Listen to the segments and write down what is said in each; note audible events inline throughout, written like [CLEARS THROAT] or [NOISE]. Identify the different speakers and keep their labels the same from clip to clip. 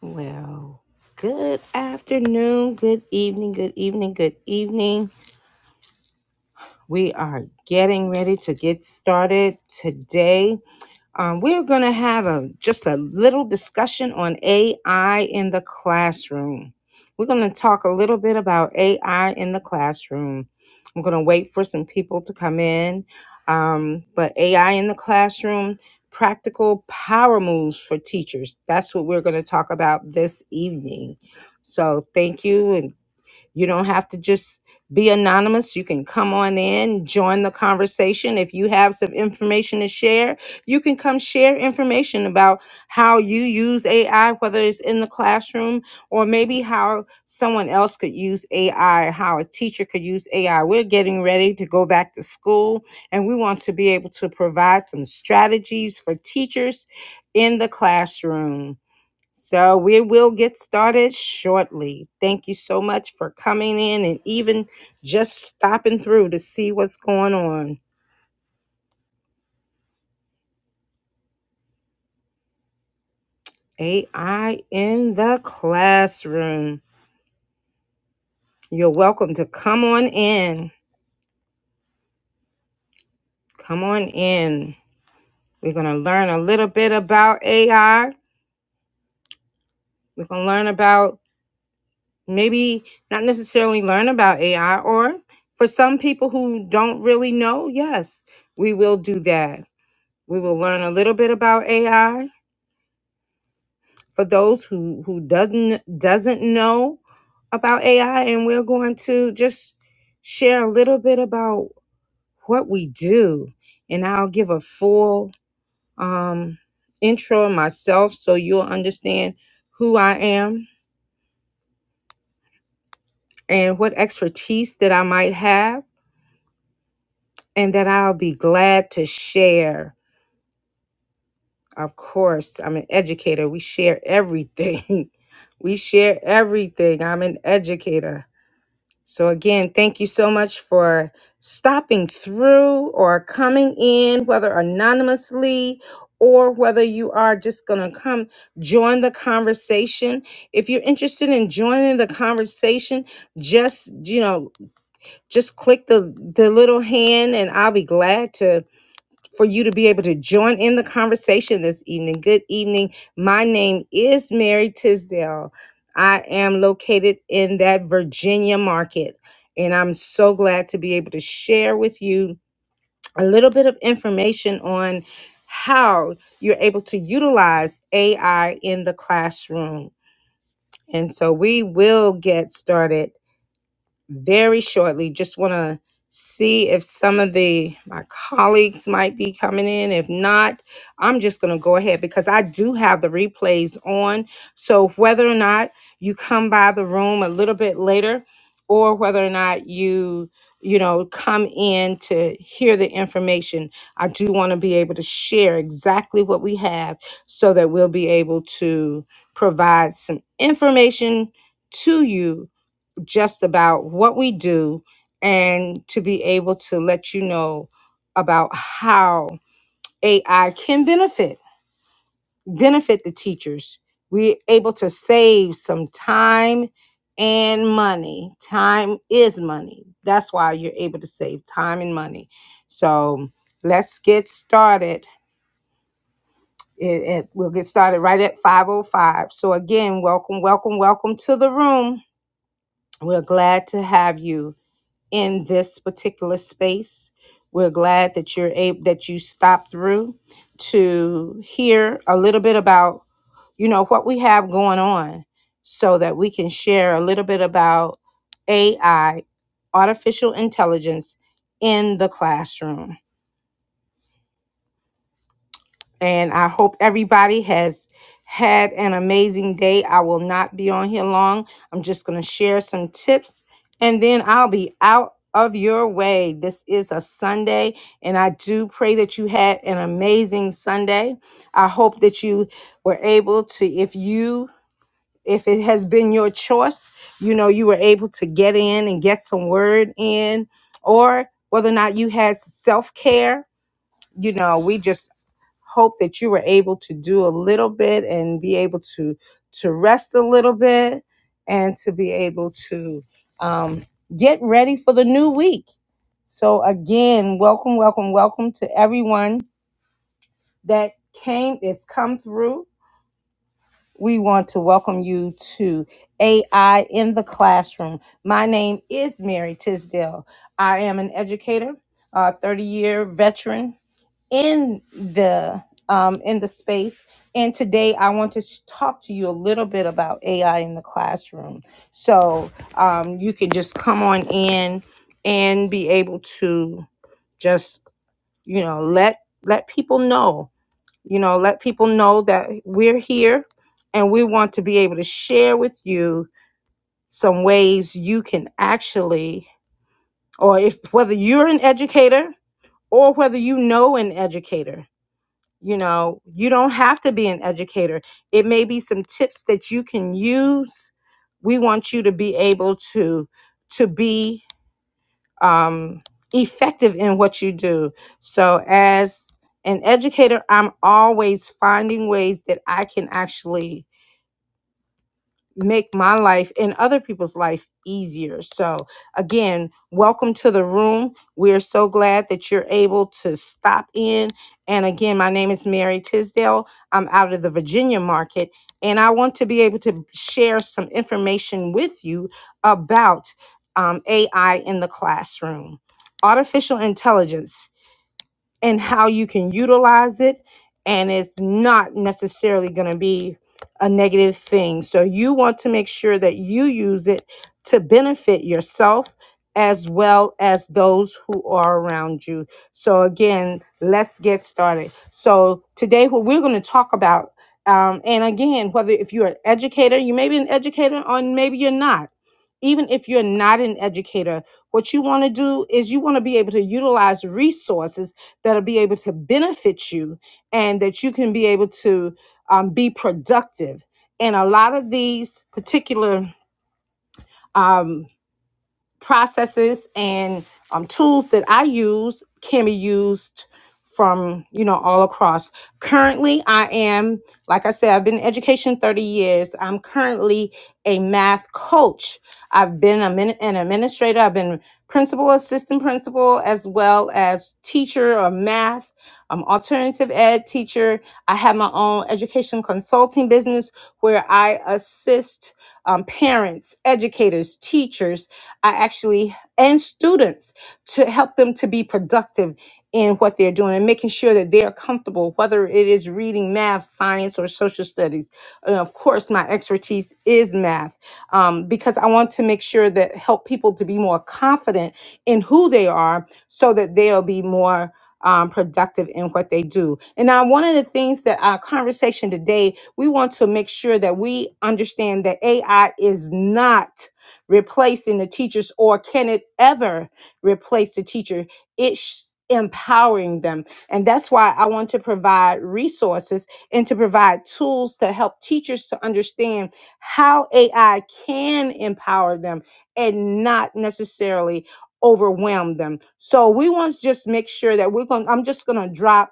Speaker 1: Well, good afternoon, good evening, good evening, good evening. We are getting ready to get started today. Um, we're going to have a just a little discussion on AI in the classroom. We're going to talk a little bit about AI in the classroom. I'm going to wait for some people to come in. Um, but AI in the classroom, practical power moves for teachers. That's what we're going to talk about this evening. So thank you. and. You don't have to just be anonymous. You can come on in, join the conversation. If you have some information to share, you can come share information about how you use AI, whether it's in the classroom or maybe how someone else could use AI, how a teacher could use AI. We're getting ready to go back to school and we want to be able to provide some strategies for teachers in the classroom. So we will get started shortly. Thank you so much for coming in and even just stopping through to see what's going on. AI in the classroom. You're welcome to come on in. Come on in. We're going to learn a little bit about AI. We're going to learn about maybe not necessarily learn about AI or for some people who don't really know, yes, we will do that. We will learn a little bit about AI for those who who doesn't doesn't know about AI and we're going to just share a little bit about what we do and I'll give a full um intro of myself so you'll understand who I am and what expertise that I might have and that I'll be glad to share. Of course, I'm an educator. We share everything. [LAUGHS] we share everything. I'm an educator. So, again, thank you so much for stopping through or coming in, whether anonymously or whether you are just going to come join the conversation. If you're interested in joining the conversation, just, you know, just click the, the little hand and I'll be glad to for you to be able to join in the conversation this evening. Good evening. My name is Mary Tisdale. I am located in that Virginia market, and I'm so glad to be able to share with you a little bit of information on how you're able to utilize AI in the classroom. And so we will get started very shortly. Just want to see if some of the my colleagues might be coming in. If not, I'm just going to go ahead because I do have the replays on. So whether or not you come by the room a little bit later or whether or not you you know come in to hear the information, I do want to be able to share exactly what we have so that we'll be able to provide some information to you just about what we do and to be able to let you know about how AI can benefit benefit the teachers. We're able to save some time and money. Time is money. That's why you're able to save time and money. So let's get started. It, it- we'll get started right at 505. So again, welcome, welcome, welcome to the room. We're glad to have you. in this particular space. We're glad that you're able that you stopped through to hear a little bit about, you know, what we have going on so that we can share a little bit about AI, artificial intelligence in the classroom. And I hope everybody has had an amazing day. I will not be on here long. I'm just going to share some tips and then I'll be out of your way. This is a Sunday, and I do pray that you had an amazing Sunday. I hope that you were able to, if you if it has been your choice, you know, you were able to get in and get some word in, or whether or not you had self care, you know, we just hope that you were able to do a little bit and be able to to rest a little bit and to be able to um, get ready for the new week so again welcome welcome welcome to everyone that came that's come through we want to welcome you to ai in the classroom my name is mary tisdale i am an educator a 30 year veteran in the um, in the space. And today I want to sh- talk to you a little bit about AI in the classroom. So um, you can just come on in and be able to just you know let let people know you know let people know that we're here and we want to be able to share with you some ways you can actually or if whether you're an educator or whether you know an educator you know, you don't have to be an educator. It may be some tips that you can use. We want you to be able to to be um, effective in what you do. So as an educator, I'm always finding ways that I can actually make my life and other people's life easier. So, again, welcome to the room. We're so glad that you're able to stop in. And again, my name is Mary Tisdale. I'm out of the Virginia market, and I want to be able to share some information with you about um, AI in the classroom. Artificial intelligence and how you can utilize it and it's not necessarily going to be a negative thing so you want to make sure that you use it to benefit yourself as well as those who are around you so again let's get started so today what we're going to talk about um, and again whether if you're an educator you may be an educator or maybe you're not even if you're not an educator what you want to do is you want to be able to utilize resources that'll be able to benefit you and that you can be able to um, be productive. And a lot of these particular um, processes and um, tools that I use can be used from you know all across. Currently, I am like I said, I've been in education 30 years. I'm currently a math coach. I've been a min- an administrator. I've been principal, assistant principal, as well as teacher of math. Um, alternative ed teacher. I have my own education consulting business where I assist um, parents, educators, teachers, I actually, and students to help them to be productive in what they're doing and making sure that they are comfortable, whether it is reading math, science, or social studies. And of course, my expertise is math um, because I want to make sure that help people to be more confident in who they are so that they'll be more um, productive in what they do. And now, one of the things that our conversation today we want to make sure that we understand that AI is not replacing the teachers or can it ever replace the teacher. It's empowering them. And that's why I want to provide resources and to provide tools to help teachers to understand how AI can empower them and not necessarily overwhelm them. So we want to just make sure that we're going I'm just going to drop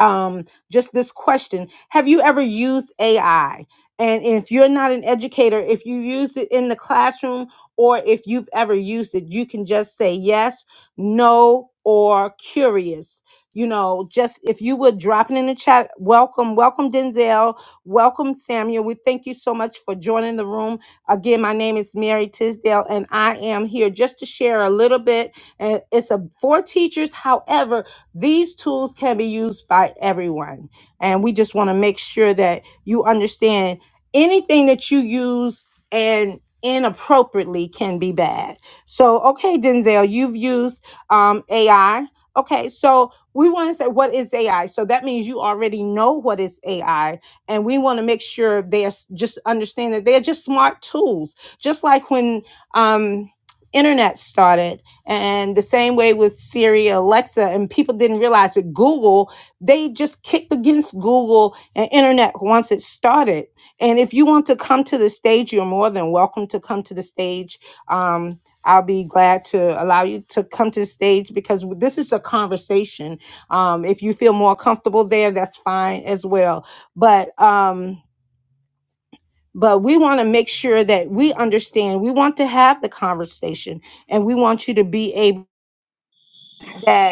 Speaker 1: um, just this question Have you ever used AI? And if you're not an educator, if you use it in the classroom or if you've ever used it, you can just say yes, no, or curious. You know, just if you would drop it in the chat, welcome, welcome Denzel, welcome Samuel. We thank you so much for joining the room. Again, my name is Mary Tisdale, and I am here just to share a little bit. And it's a for teachers. However, these tools can be used by everyone. And we just want to make sure that you understand anything that you use and inappropriately can be bad. So, okay, Denzel, you've used um, AI. Okay, so we want to say what is AI? So that means you already know what is AI, and we want to make sure they are s- just understand that they're just smart tools. Just like when um, internet started, and the same way with Siri, Alexa, and people didn't realize that Google, they just kicked against Google and internet once it started. And if you want to come to the stage, you're more than welcome to come to the stage. Um, I'll be glad to allow you to come to the stage because this is a conversation. Um, if you feel more comfortable there, that's fine as well. But um, but we want to make sure that we understand. We want to have the conversation, and we want you to be able that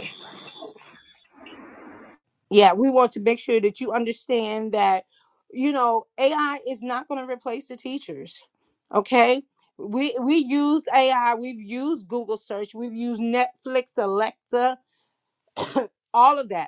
Speaker 1: Yeah, we want to make sure that you understand that, you know, AI is not going to replace the teachers. Okay. We we use AI, we've used Google search, we've used Netflix, Alexa, all of that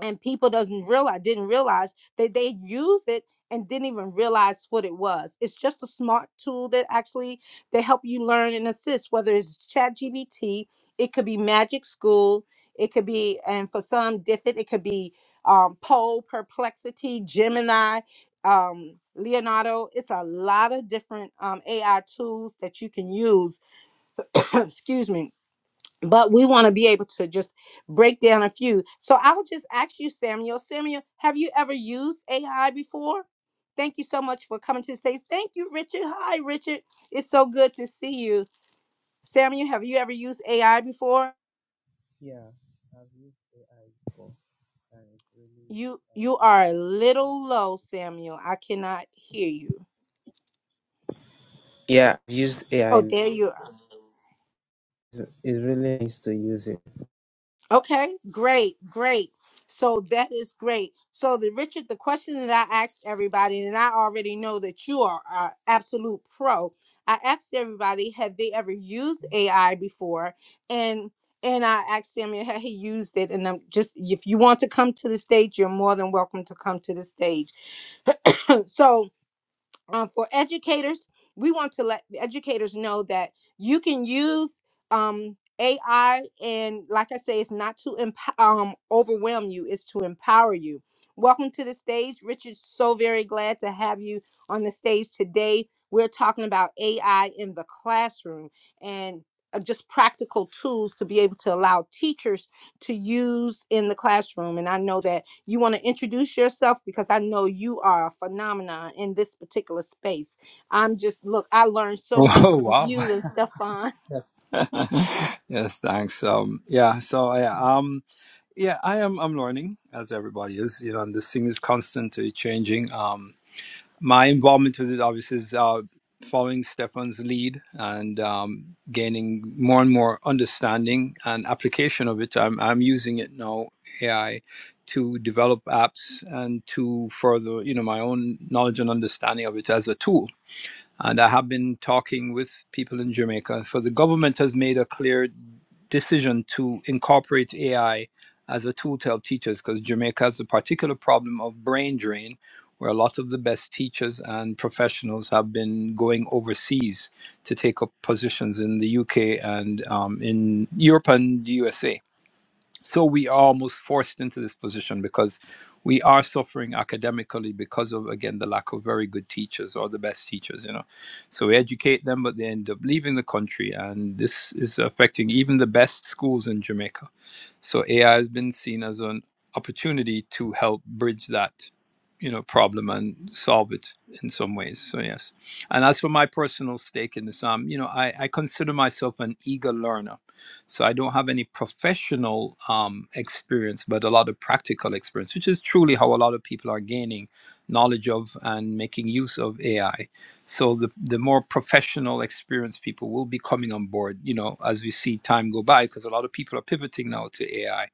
Speaker 1: and people doesn't realize didn't realize that they used it and didn't even realize what it was it's just a smart tool that actually they help you learn and assist whether it's chat gbt it could be magic school it could be and for some different it could be um, pole perplexity gemini um, leonardo it's a lot of different um, ai tools that you can use [COUGHS] excuse me but we want to be able to just break down a few. So I'll just ask you, Samuel. Samuel, have you ever used AI before? Thank you so much for coming to the stage. Thank you, Richard. Hi, Richard. It's so good to see you. Samuel, have you ever used AI before?
Speaker 2: Yeah, I've used AI before, and it's really
Speaker 1: You
Speaker 2: uh,
Speaker 1: you are a little low,
Speaker 2: nice.
Speaker 1: Samuel. I cannot hear you.
Speaker 2: Yeah, I've used
Speaker 1: Oh,
Speaker 2: AI.
Speaker 1: there you are.
Speaker 2: It's it's really nice to use it.
Speaker 1: Okay, great, great. So that is great. So the Richard, the question that I asked everybody, and I already know that you are uh, absolute pro. I asked everybody, have they ever used AI before? And and I asked Samuel, had he used it? And I'm just if you want to come to the stage, you're more than welcome to come to the stage. [LAUGHS] [CLEARS THROAT] so um, for educators, we want to let the educators know that you can use um, AI, and like I say, it's not to emp- um, overwhelm you; it's to empower you. Welcome to the stage, Richard. So very glad to have you on the stage today. We're talking about AI in the classroom and uh, just practical tools to be able to allow teachers to use in the classroom. And I know that you want to introduce yourself because I know you are a phenomenon in this particular space. I'm just look, I learned so much
Speaker 3: Oh [LAUGHS]
Speaker 1: from
Speaker 3: wow!
Speaker 1: you and Stefan.
Speaker 3: [LAUGHS] yes, thanks. Um, yeah. So yeah, um, yeah, I am. I'm learning as everybody is. You know, and this thing is constantly changing. Um, my involvement with it obviously is uh, following Stefan's lead and um, gaining more and more understanding and application of it. I'm I'm using it now AI to develop apps and to further you know my own knowledge and understanding of it as a tool and I have been talking with people in Jamaica. For the government has made a clear decision to incorporate AI as a tool to help teachers because Jamaica has a particular problem of brain drain, where a lot of the best teachers and professionals have been going overseas to take up positions in the UK and um, in Europe and the USA so we are almost forced into this position because we are suffering academically because of again the lack of very good teachers or the best teachers you know so we educate them but they end up leaving the country and this is affecting even the best schools in jamaica so AI has been seen as an opportunity to help bridge that, you know, problem and solve it in some ways. So yes, and as for my personal stake in this, um, you know, I, I consider myself an eager learner, so I don't have any professional um, experience, but a lot of practical experience, which is truly how a lot of people are gaining knowledge of and making use of AI so the, the more professional experienced people will be coming on board you know as we see time go by because a lot of people are pivoting now to ai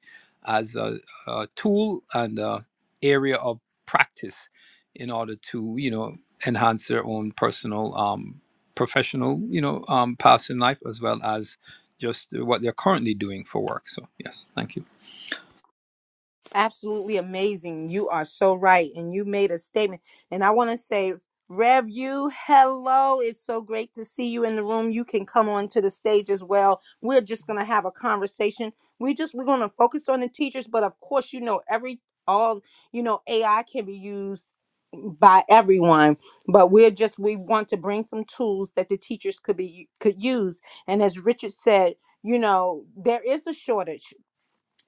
Speaker 3: as a, a tool and a area of practice in order to you know enhance their own personal um, professional you know um, paths in life as well as just what they're currently doing for work so yes thank
Speaker 1: absolutely amazing. You are so right. And you made a statement. And I want to say, Rev, you, hello. It's so great to see you in the room. You can come on to the stage as well. We're just going to have a conversation. We just, we're going to focus on the teachers, but of course, you know, every, all, you know, AI can be used by everyone but we're just we want to bring some tools that the teachers could be could use and as richard said you know there is a shortage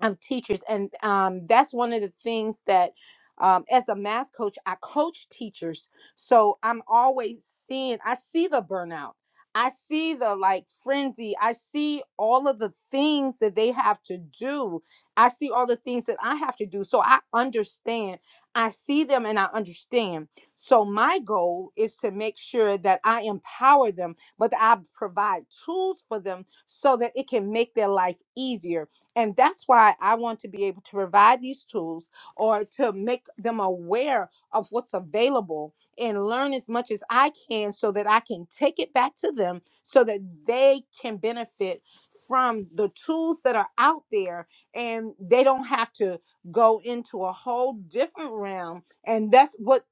Speaker 1: of teachers and um, that's one of the things that um, as a math coach i coach teachers so i'm always seeing i see the burnout i see the like frenzy i see all of the things that they have to do i see all the things that i have to do so i understand i see them and i understand so my goal is to make sure that i empower them but i provide tools for them so that it can make their life easier and that's why I want to be able to provide these tools or to make them aware of what's available and learn as much as I can so that I can take it back to them so that they can benefit from the tools that are out there and they don't have to go into a whole different realm. And that's what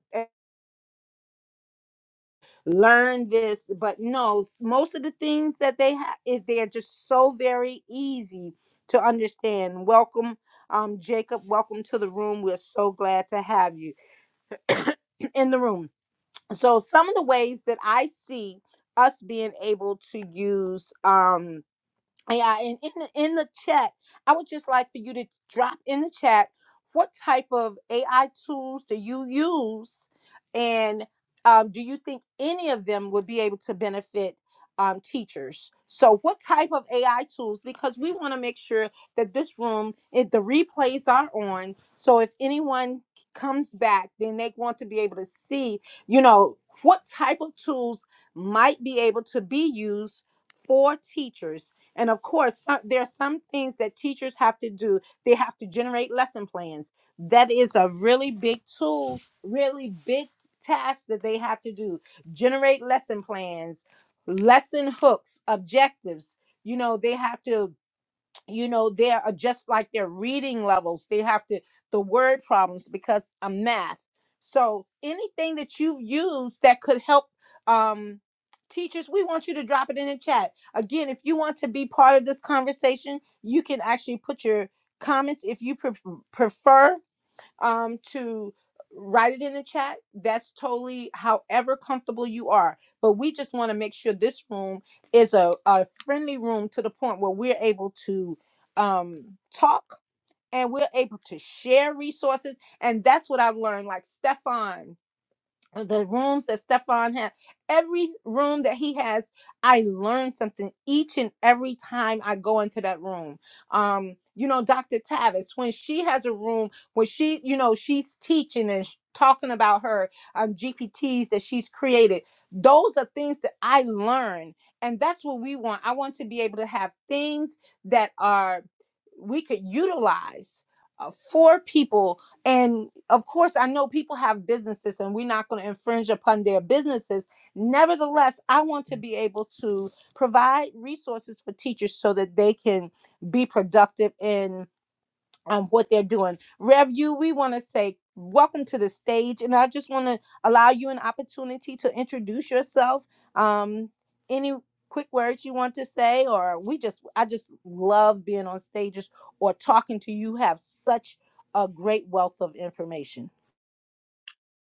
Speaker 1: learn this but no s- most of the things that they have they're just so very easy to understand welcome um jacob welcome to the room we're so glad to have you [CLEARS THROAT] in the room so some of the ways that i see us being able to use um, yeah, and in the in the chat, I would just like for you to drop in the chat what type of AI tools do you use, and um, do you think any of them would be able to benefit um, teachers? So, what type of AI tools? Because we want to make sure that this room, it, the replays are on. So, if anyone comes back, then they want to be able to see, you know, what type of tools might be able to be used for teachers and of course, some, there are some things that teachers have to do. They have to generate lesson plans. That is a really big tool, really big task that they have to do. Generate lesson plans, lesson hooks, objectives. You know, they have to you know they are uh, just like their reading levels they have to the word problems because i'm math so anything that you've used that could help um teachers we want you to drop it in the chat again if you want to be part of this conversation you can actually put your comments if you pref- prefer um, to write it in the chat. That's totally however comfortable you are. But we just want to make sure this room is a, a friendly room to the point where we're able to um, talk and we're able to share resources. And that's what I've learned. Like Stefan uh, the rooms that Stefan had, every room that he has, I learn something each and every time I go into that room. Um, you know, Dr. Tavis, when she has a room when she, you know, she's teaching and sh- talking about her um, GPTs that she's created, those are things that I learn. And that's what we want. I want to be able to have things that are we could utilize uh, for people and of course, I know people have businesses and we're not going to infringe upon their businesses. Nevertheless, I want to be able to provide resources for teachers so that they can be productive in um, what they're doing. Rev, you, we want to say welcome to the stage, and I just want to allow you an opportunity to introduce yourself. Um, any quick words you want to say, or we just, I just love being on stages or talking to you. Have such a great wealth of information.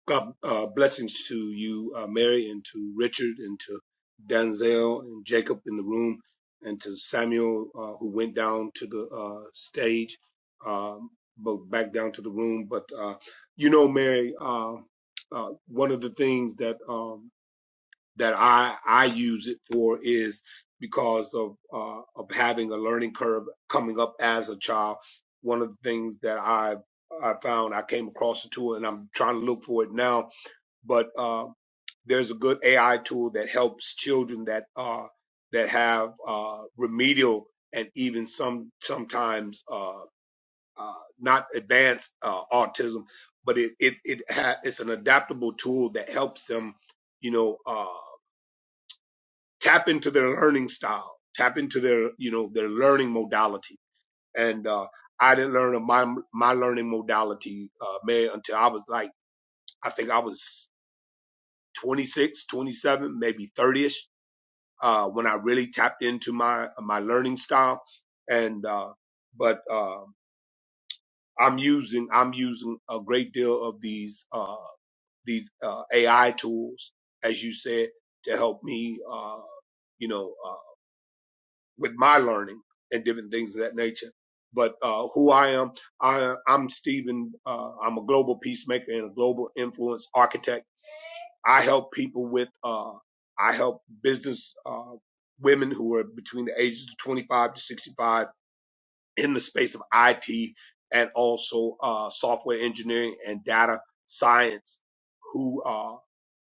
Speaker 4: God uh, blessings to you, uh, Mary, and to Richard, and to Danzel and Jacob in the room, and to Samuel uh, who went down to the uh, stage, um, but back down to the room. But uh, you know, Mary, uh, uh, one of the things that um, that I I use it for is because of uh, of having a learning curve coming up as a child. One of the things that I I found I came across it too, and I'm trying to look for it now but uh, there's a good AI tool that helps children that are that have uh, remedial and even some sometimes uh, uh, not advanced uh, autism, but it it it ha- it's an adaptable tool that helps them, you know, uh, tap into their learning style, tap into their you know their learning modality. And uh, I didn't learn of my my learning modality, uh, Mary, until I was like I think I was 26, 27, maybe 30ish, uh, when I really tapped into my, my learning style. And, uh, but, um, I'm using, I'm using a great deal of these, uh, these, uh, AI tools, as you said, to help me, uh, you know, uh, with my learning and different things of that nature. But, uh, who I am, I, I'm Stephen, uh, I'm a global peacemaker and a global influence architect I help people with, uh, I help business, uh, women who are between the ages of 25 to 65 in the space of IT and also, uh, software engineering and data science who uh,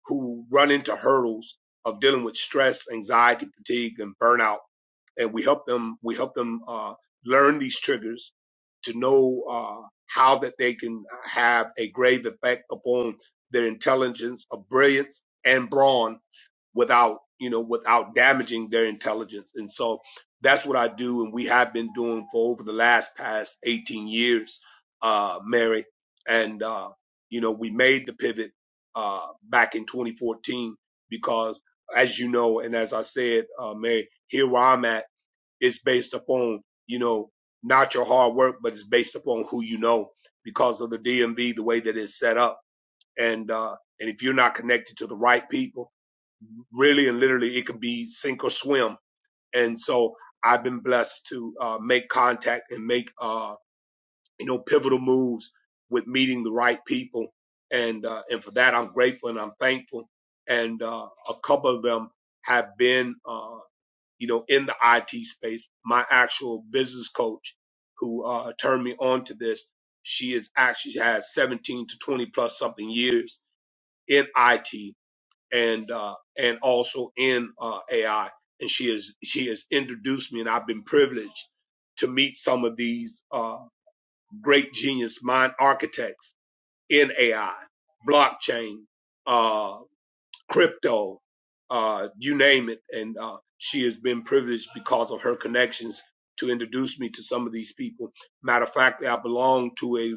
Speaker 4: who run into hurdles of dealing with stress, anxiety, fatigue, and burnout. And we help them, we help them, uh, learn these triggers to know, uh, how that they can have a grave effect upon their intelligence, of brilliance and brawn without you know without damaging their intelligence and so that's what i do and we have been doing for over the last past 18 years uh mary and uh you know we made the pivot uh back in 2014 because as you know and as i said uh mary here where i'm at it's based upon you know not your hard work but it's based upon who you know because of the dmv the way that it's set up and uh and if you're not connected to the right people really and literally it could be sink or swim. And so I've been blessed to uh, make contact and make uh, you know pivotal moves with meeting the right people. And uh, and for that I'm grateful and I'm thankful. And uh, a couple of them have been uh, you know in the IT space. My actual business coach who uh, turned me on to this, she is actually has 17 to 20 plus something years in IT and uh, and also in uh, AI. And she has she has introduced me, and I've been privileged to meet some of these uh, great genius mind architects in AI, blockchain, uh, crypto, uh, you name it. And uh, she has been privileged because of her connections to introduce me to some of these people. Matter of fact, I belong to a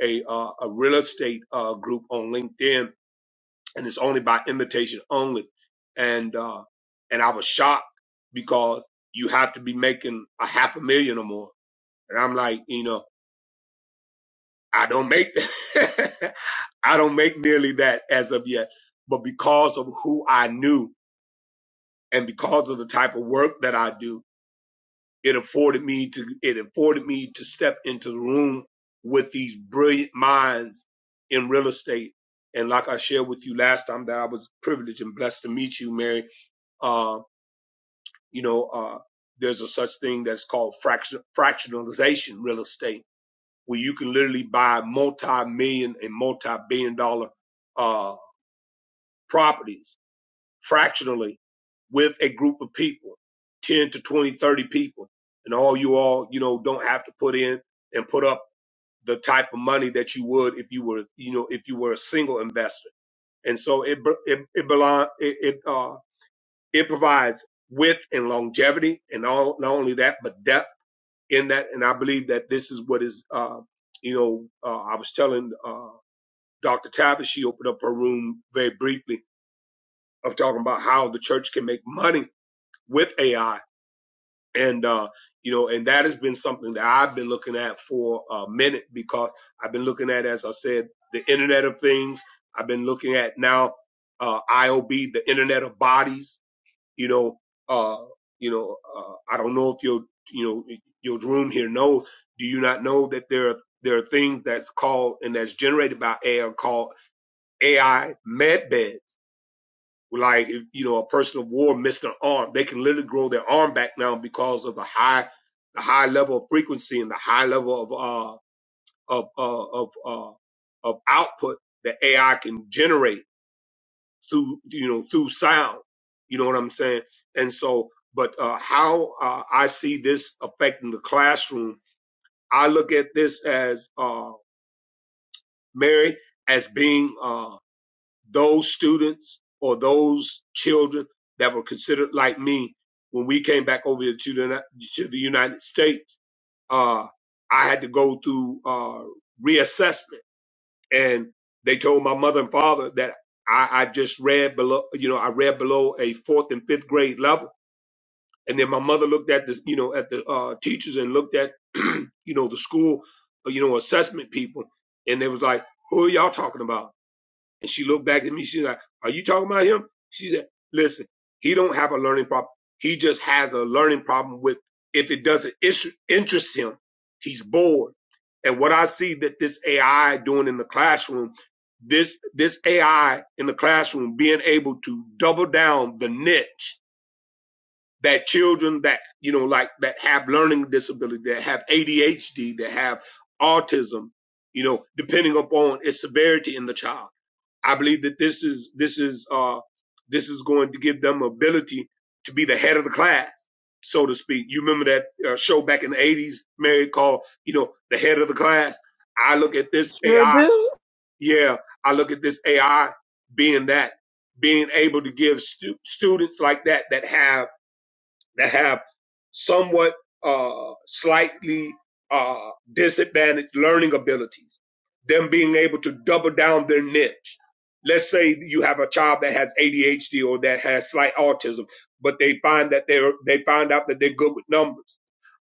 Speaker 4: a, uh, a real estate uh, group on LinkedIn and it's only by invitation only. And uh, and I was shocked because you have to be making a half a million or more, and I'm like, you know, I don't make that. [LAUGHS] I don't make nearly that as of yet, but because of who I knew and because of the type of work that I do, it afforded me to it afforded me to step into the room with these brilliant minds in real estate. And like I shared with you last time, that I was privileged and blessed to meet you, Mary. Uh, You know, uh, there's a such thing that's called fraction, fractionalization real estate, where you can literally buy multi-million and multi-billion dollar uh, properties fractionally with a group of people, 10 to 20, 30 people. And all you all, you know, don't have to put in and put up the type of money that you would if you were, you know, if you were a single investor. And so it, it, it belong, it, it, uh, it provides width and longevity. And all, not only that, but depth in that. And I believe that this is what is, uh, you know, uh, I was telling uh, Dr. Tavis, she opened up her room very briefly of talking about how the church can make money with AI. And, uh, you know, and that has been something that I've been looking at for a minute because I've been looking at, as I said, the Internet of Things. I've been looking at now uh, IOB, the Internet of Bodies you know, uh, you know, uh, I don't know if your, you know, your room here knows. Do you not know that there are there are things that's called and that's generated by AI called AI med beds? Like, if, you know, a person of war missed an arm, they can literally grow their arm back now because of the high, the high level of frequency and the high level of uh of uh, of uh, of output that AI can generate through you know through sound. You know what I'm saying? And so, but uh, how uh, I see this affecting the classroom, I look at this as uh, Mary as being uh, those students or those children that were considered like me when we came back over to the to the United States. Uh, I had to go through uh, reassessment and they told my mother and father that I, I just read below, you know, I read below a fourth and fifth grade level. And then my mother looked at the, you know, at the uh, teachers and looked at, [CLEARS THROAT] you know, the school, uh, you know, assessment people, and they was like, "Who are y'all talking about?" And she looked back at me. She's like, "Are you talking about him?" She said, "Listen, he don't have a learning problem. He just has a learning problem with if it doesn't interest him, he's bored." And what I see that this AI doing in the classroom, this this AI in the classroom being able to double down the niche that children that you know like that have learning disability, that have ADHD, that have autism, you know, depending upon its severity in the child I believe that this is this is uh this is going to give them ability to be the head of the class, so to speak. You remember that uh, show back in the eighties, Mary called you know the head of the class. I look at this
Speaker 1: Sure
Speaker 4: AI,
Speaker 1: do.
Speaker 4: yeah, I look at this AI being that, being able to give stu- students like that that have that have somewhat uh, slightly uh, disadvantaged learning abilities, them being able to double down their niche. Let's say you have a child that has ADHD or that has slight autism, but they find that they're they find out that they're good with numbers.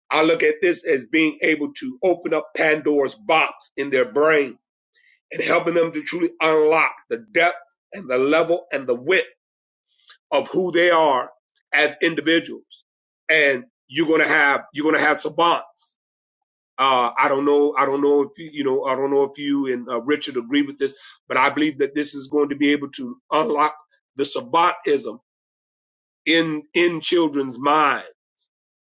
Speaker 4: I look at this as being able to open up Pandora's box in their brain and helping them to truly unlock the depth and the level and the width of who they are as individuals. And you're gonna have you're gonna have savants. Uh, I don't know. I don't know if you, you know. I don't know if you and uh, Richard agree with this, but I believe that this is going to be able to unlock the savantism in in children's mind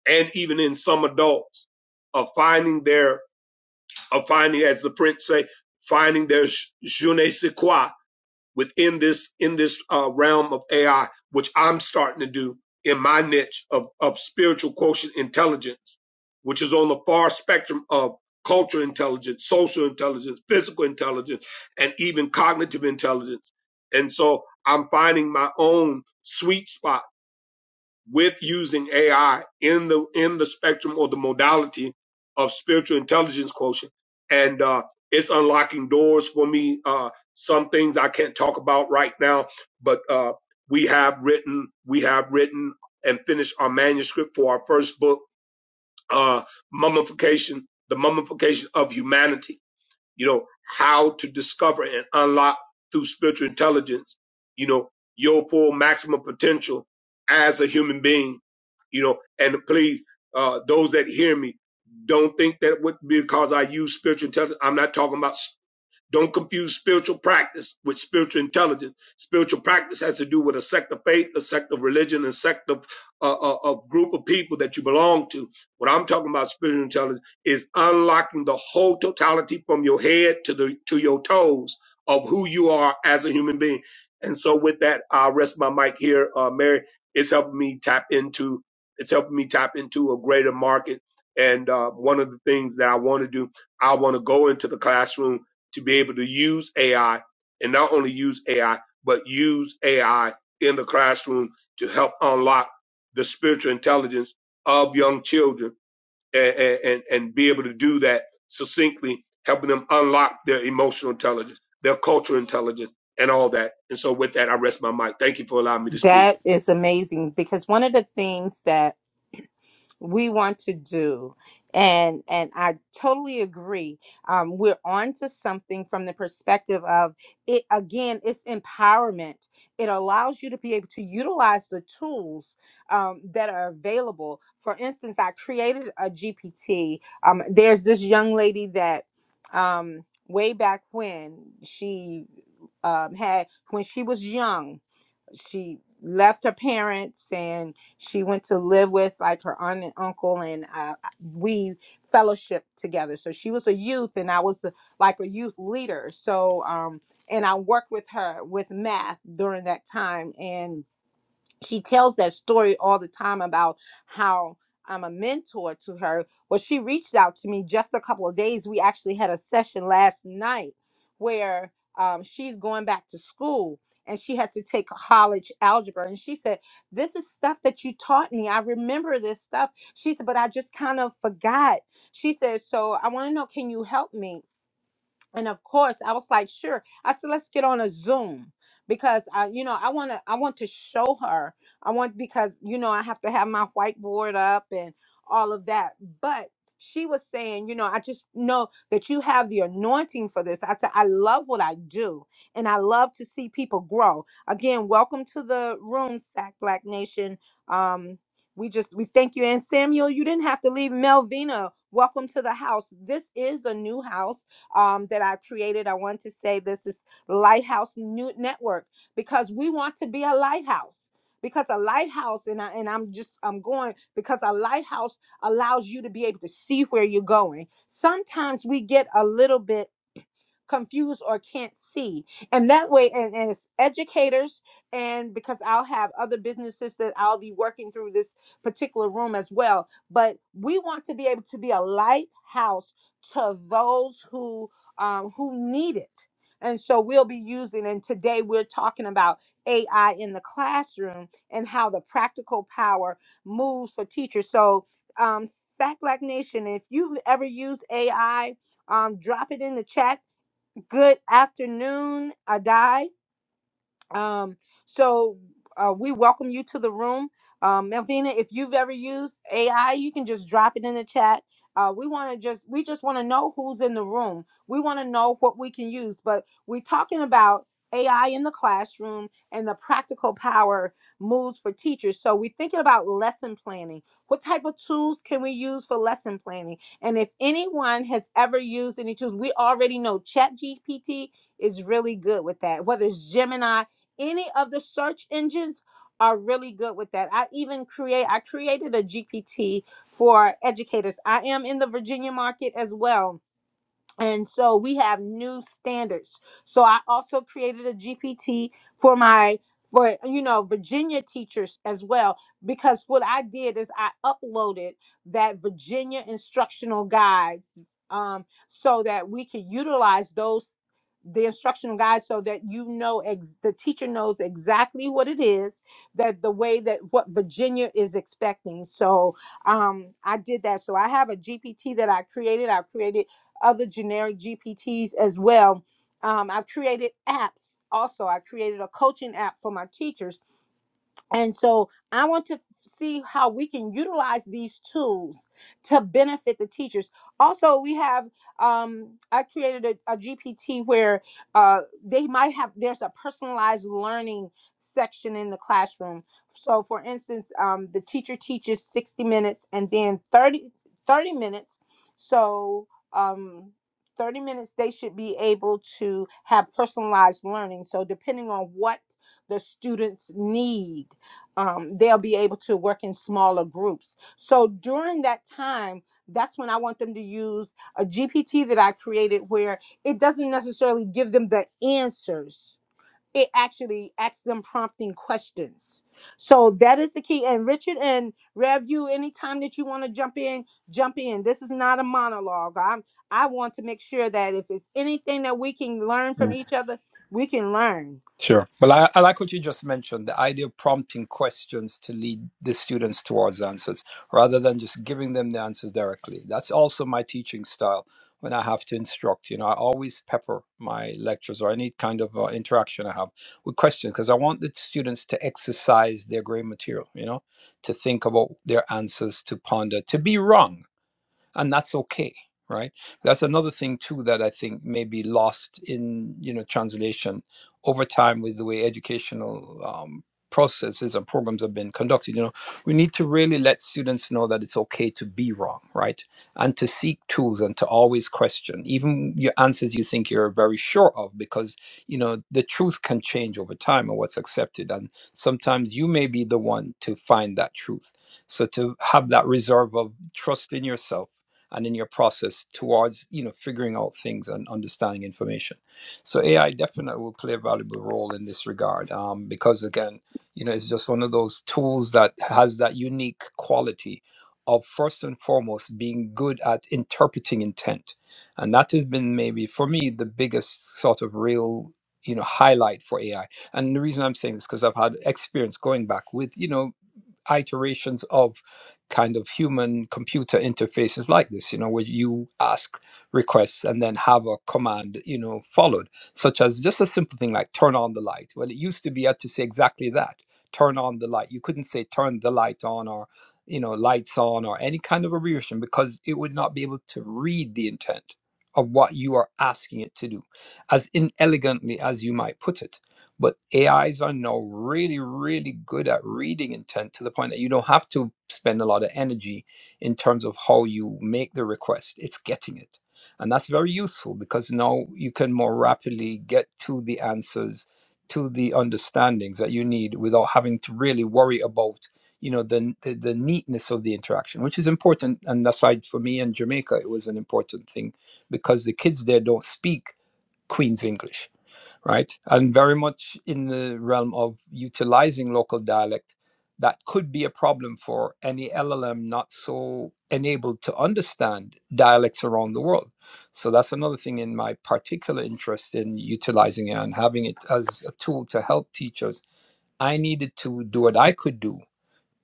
Speaker 4: and even in some adults of finding their of finding, as the French say, finding their sh- je ne sais quoi, within this in this uh, realm of AI, which I'm starting to do in my niche of of spiritual quotient intelligence, which is on the far spectrum of cultural intelligence, social intelligence, physical intelligence, and even cognitive intelligence. And so I'm finding my own sweet spot with using AI in the in the spectrum or the modality of spiritual intelligence quotient, and uh, it's unlocking doors for me. Uh, some things I can't talk about right now, but uh, we have written we have written and finished our manuscript for our first book, uh, mummification, the mummification of humanity you know, how to discover and unlock through spiritual intelligence, you know, your full maximum potential as a human being, you know, and please, uh, those that hear me, don't think that what, because I use spiritual intelligence, I'm not talking about don't confuse spiritual practice with spiritual intelligence. Spiritual practice has to do with a sect of faith, a sect of religion, a sect of uh, a a group of people that you belong to. What I'm talking about spiritual intelligence is unlocking the whole totality from your head to the to your toes of who you are as a human being. And so with that, I'll rest my mic here. Uh, Mary, it's helping me tap into it's helping me tap into a greater market. And uh, one of the things that I want to do, I want to go into the classroom to be able to use AI and not only use AI, but use AI in the classroom to help unlock the spiritual intelligence of young children and, and, and be able to do that succinctly, helping them unlock their emotional intelligence, their cultural intelligence, and all that. And so with that, I rest my mic. Thank you for allowing me to speak.
Speaker 1: That is amazing because one of the things that we want to do and and i totally agree um, we're on to something from the perspective of it again it's empowerment it allows you to be able to utilize the tools um, that are available for instance i created a gpt um, there's this young lady that um, way back when she um, had when she was young she left her parents and she went to live with like her aunt and uncle and uh, we fellowshiped together so she was a youth and i was the, like a youth leader so um and i worked with her with math during that time and she tells that story all the time about how I'm a mentor to her. Well, she reached out to me just a couple of days. We actually had a session last night where um, she's going back to school and she has to take college algebra. And she said, This is stuff that you taught me. I remember this stuff. She said, But I just kind of forgot. She said, So I want to know, can you help me? and of course i was like sure i said let's get on a zoom because i you know i want to i want to show her i want because you know i have to have my whiteboard up and all of that but she was saying you know i just know that you have the anointing for this i said i love what i do and i love to see people grow again welcome to the room sac black nation um we just we thank you and samuel you didn't have to leave melvina welcome to the house this is a new house um, that I created. I want to say this is Lighthouse New Network because we want to be a lighthouse. Because a lighthouse, and I and I'm just I'm going because a lighthouse allows you to be able to see where you're going. Sometimes we get a little bit confused or can't see and that way and, and as educators and because i'll have other businesses that i'll be working through this particular room as well but we want to be able to be a lighthouse to those who um, who need it and so we'll be using and today we're talking about ai in the classroom and how the practical power moves for teachers so um, Sack Black Nation, if you've ever used AI, um, drop it in the chat Good afternoon, Adai. Um, so uh, we welcome you to the room. Um, Melvina, if you've ever used AI, you can just drop it in the chat. Uh, we want to just we just want to know who's in the room. We want to know what we can use, but we're talking about AI in the classroom and the practical power moves for teachers. So we're thinking about lesson planning. What type of tools can we use for lesson planning? And if anyone has ever used any tools, we already know ChatGPT is really good with that. Whether it's Gemini, any of the search engines are really good with that. I even create I created a GPT for educators. I am in the Virginia market as well and so we have new standards so i also created a gpt for my for you know virginia teachers as well because what i did is i uploaded that virginia instructional guides um, so that we could utilize those the instructional guides so that you know ex- the teacher knows exactly what it is that the way that what virginia is expecting so um, i did that so i have a gpt that i created i created other generic GPTs as well. Um, I've created apps also. I created a coaching app for my teachers and so I want to see how we can utilize these tools to benefit the teachers. Also, we have um, I created a, GPT where uh, they might have there's a personalized learning section in the classroom. So, for instance, um, the teacher teaches 60 minutes and then 30 30 minutes. So um, 30 minutes they should be able to have personalized learning. So depending on what the students need um, they'll be able to work in smaller groups. So during that time, that's when I want them to use a GPT that I created where it doesn't necessarily give them the answers. It actually asks them prompting questions. So that is the key. And Richard and Rev, you anytime that you want to jump in, jump in. This is not a monologue. I'm I want to make sure that if it's anything that we can learn
Speaker 3: you
Speaker 1: from each other, we can learn.
Speaker 3: Sure. Well, I, I like what you just mentioned the idea of prompting questions to lead the students towards answers rather than just giving them the answers directly. That's also my teaching style when I have to instruct. You know, I always pepper my lectures or any kind of uh, interaction I have with questions because I want the students to exercise their gray material, you know, to think about their answers, to ponder, to be wrong and that's okay right that's another thing too that i think may be lost in you know translation over time with the way educational um, processes and programs have been conducted you know we need to really let students know that it's okay to be wrong right and to seek tools and to always question even your answers you think you're very sure of because you know the truth can change over time and what's accepted and sometimes you may be the one to find that truth so to have that reserve of trust in yourself and in your process towards you know figuring out things and understanding information so ai definitely will play a valuable role in this regard um, because again you know it's just one of those tools that has that unique quality of first and foremost being good at interpreting intent and that has been maybe for me the biggest sort of real you know highlight for ai and the reason i'm saying this because i've had experience going back with you know iterations of kind of human computer interfaces like this, you know, where you ask requests and then have a command, you know, followed, such as just a simple thing like turn on the light. Well, it used to be you had to say exactly that turn on the light. You couldn't say turn the light on or, you know, lights on or any kind of abbreviation because it would not be able to read the intent of what you are asking it to do as inelegantly as you might put it but AIs are now really, really good at reading intent to the point that you don't have to spend a lot of energy in terms of how you make the request. It's getting it. And that's very useful because now you can more rapidly get to the answers, to the understandings that you need without having to really worry about, you know, the, the, the neatness of the interaction, which is important. And that's why for me in Jamaica, it was an important thing because the kids there don't speak Queen's English right? And very much in the realm of utilizing local dialect, that could be a problem for any LLM not so enabled to understand dialects around the world. So that's another thing in my particular interest in utilizing it and having it as a tool to help teachers. I needed to do what I could do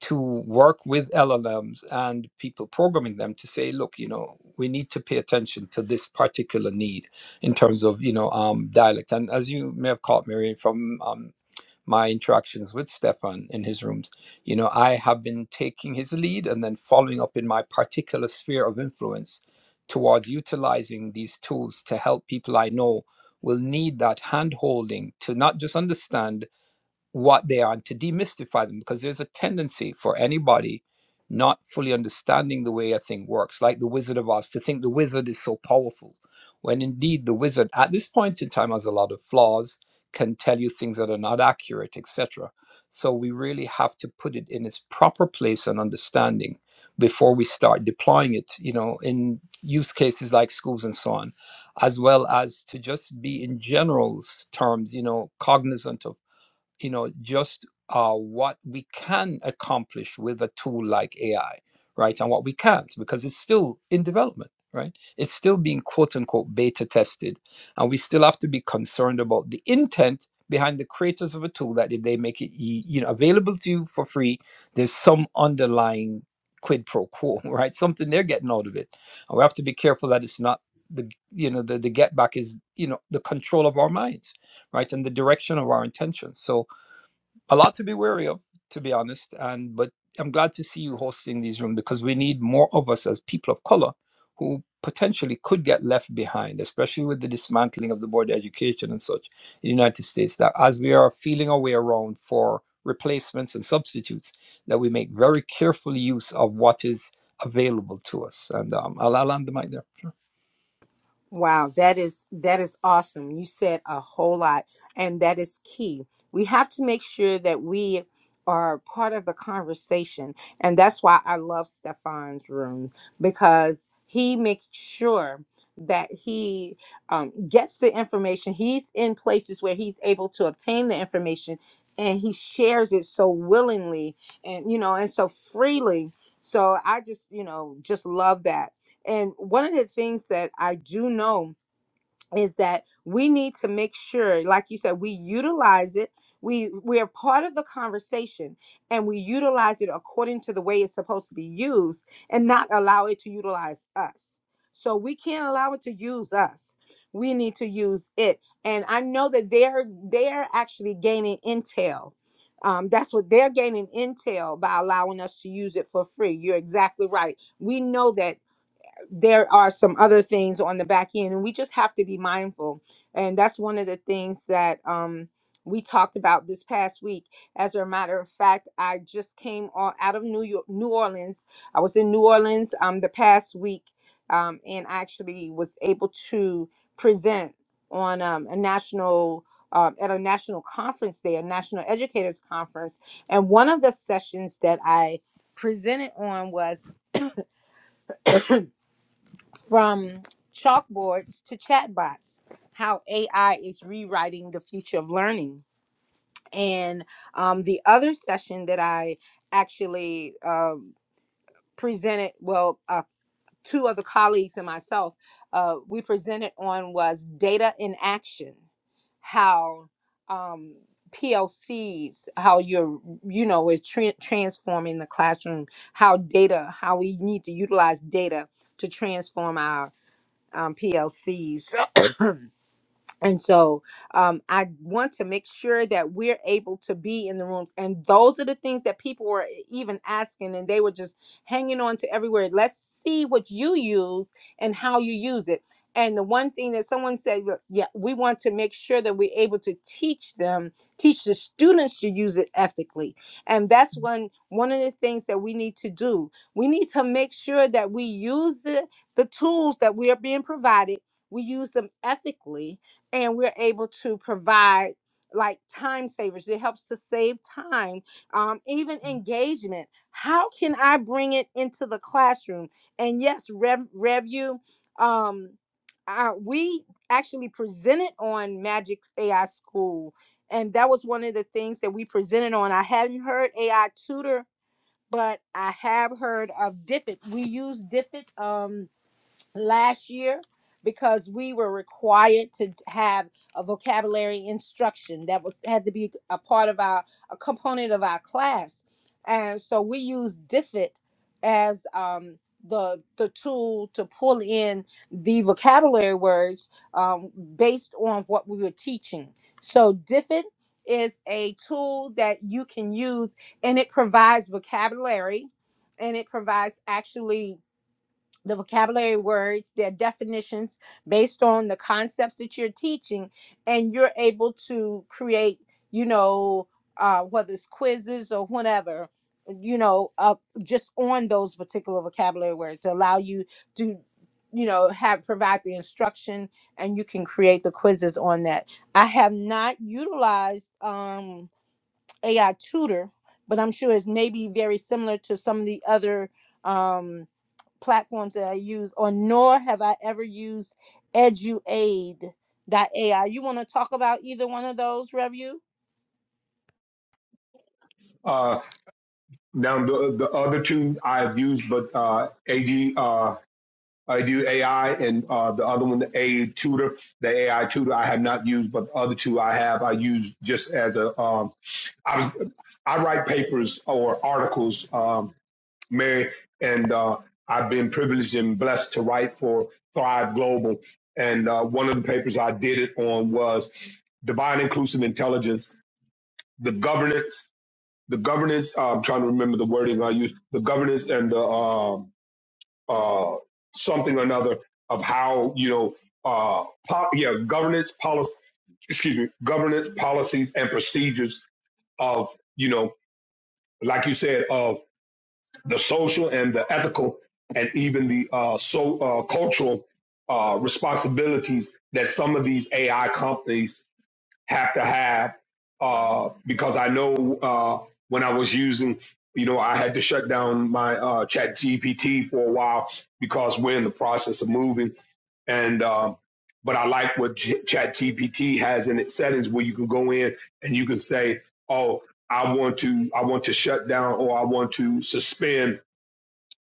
Speaker 3: to work with LLMs and people programming them to say, look, you know, we need to pay attention to this particular need in terms of, you know, um, dialect. And as you may have caught, Mary, from um, my interactions with Stefan in his rooms, you know, I have been taking his lead and then following up in my particular sphere of influence towards utilizing these tools to help people I know will need that hand holding to not just understand what they are and to demystify them because there's a tendency for anybody not fully understanding the way a thing works, like the Wizard of Oz, to think the wizard is so powerful, when indeed the wizard at this point in time has a lot of flaws, can tell you things that are not accurate, etc. So we really have to put it in its proper place and understanding before we start deploying it, you know, in use cases like schools and so on, as well as to just be in general terms, you know, cognizant of you know just uh, what we can accomplish with a tool like AI, right, and what we can't because it's still in development, right? It's still being quote unquote beta tested, and we still have to be concerned about the intent behind the creators of a tool that if they make it e- you know available to you for free, there's some underlying quid pro quo, [LAUGHS] right? Something they're getting out of it, and we have to be careful that it's not the you know the the get back is you know the control of our minds right and the direction of our intentions so a lot to be wary of, to be honest. And but I'm glad to see you hosting these rooms because we need more of us as people of color who potentially could get left behind, especially with the dismantling of the board of education and such in the United States. That as we are feeling our way around for replacements and substitutes, that we make very careful use of what is available to us. And um, I'll, I'll land the mic there.
Speaker 1: Wow, that is that is awesome. You said a whole lot and that is key. We have to make sure that we are part of the conversation and that's why I love Stefan's room because he makes sure that he um, gets the information. He's in places where he's able to obtain the information and he shares it so willingly and you know and so freely. So I just, you know, just love that and one of the things that I do know is that we need to make sure, like you said, we utilize it. We we are part of the conversation and we utilize it according to the way it's supposed to be used and not allow it to utilize us. So we can't allow it to use us. We need to use it. And I know that they're they're actually gaining intel. Um, that's what they're gaining intel by allowing us to use it for free. You're exactly right. We know that there are some other things on the back end and we just have to be mindful and that's one of the things that um we talked about this past week as a matter of fact i just came on out of new york new orleans i was in new orleans um the past week um and actually was able to present on um, a national um, at a national conference there a national educators conference and one of the sessions that i presented on from chalkboards to chatbots, how AI is rewriting the future of learning. And um, the other session that I actually um presented, well, uh, two other colleagues and myself, uh, we presented on was data in action, how um, PLCs, how you're, you know, is tra- transforming the classroom, how data, how we need to utilize data to transform our um, PLCs. [LAUGHS] and so um, I want to make sure that we're able to be in the rooms. And those are the things that people were e, even asking, and they were just hanging on to every word. Let's see what you use and how you use it. And the one thing that someone said, "Look, yeah, we want to make sure that we're able to teach them, teach the students to use it ethically. And that's one one of the things that we need to do. We need to make sure that we use the, the tools that we are being provided, we use them ethically and we're able to provide like time savers it helps to save time um, even Mm. engagement how can i bring it into the classroom and yes rev review um, uh, we actually presented on magic ai school and that was one of the things that we presented on i hadn't heard ai tutor but i have heard of diffit we use diffit Um, last year because we were required to have a vocabulary instruction that was had to be a part of our a component of our class and so we used diffit as um the the tool to pull in the vocabulary words um, based on what we were teaching so diffit is a tool that you can use and it provides vocabulary and it provides actually the vocabulary words, their definitions based on the concepts that you're teaching, and you're able to create, you know, uh, whether it's quizzes or whatever, you know, uh, just on those particular vocabulary words to allow you to, you know, have provide the instruction and you can create the quizzes on that. I have not utilized um, AI Tutor, but I'm sure it's maybe very similar to some of the other. Um, platforms that I use, or nor have I ever used Eduaid AI. You want to talk about either one of those, Revu?
Speaker 4: Uh, now the, the other two I have used, but uh, AD. I do AI and uh, the other one, the A tutor, the AI tutor I have not used, but the other two I have, I use just as a, um, I was, I write papers or articles, um, Mary, and uh, I've been privileged and blessed to write for Thrive Global. And uh, one of the papers I did it on was divine inclusive intelligence, the governance, the governance, uh, I'm trying to remember the wording I used, the governance and the, um, uh, something or another of how you know uh, po- yeah governance policy excuse me governance policies and procedures of you know like you said of the social and the ethical and even the uh, so uh, cultural uh, responsibilities that some of these AI companies have to have uh, because I know uh, when I was using, you know, I had to shut down my uh, Chat GPT for a while because we're in the process of moving. And um, but I like what G- Chat GPT has in its settings where you can go in and you can say, oh. I want to I want to shut down or I want to suspend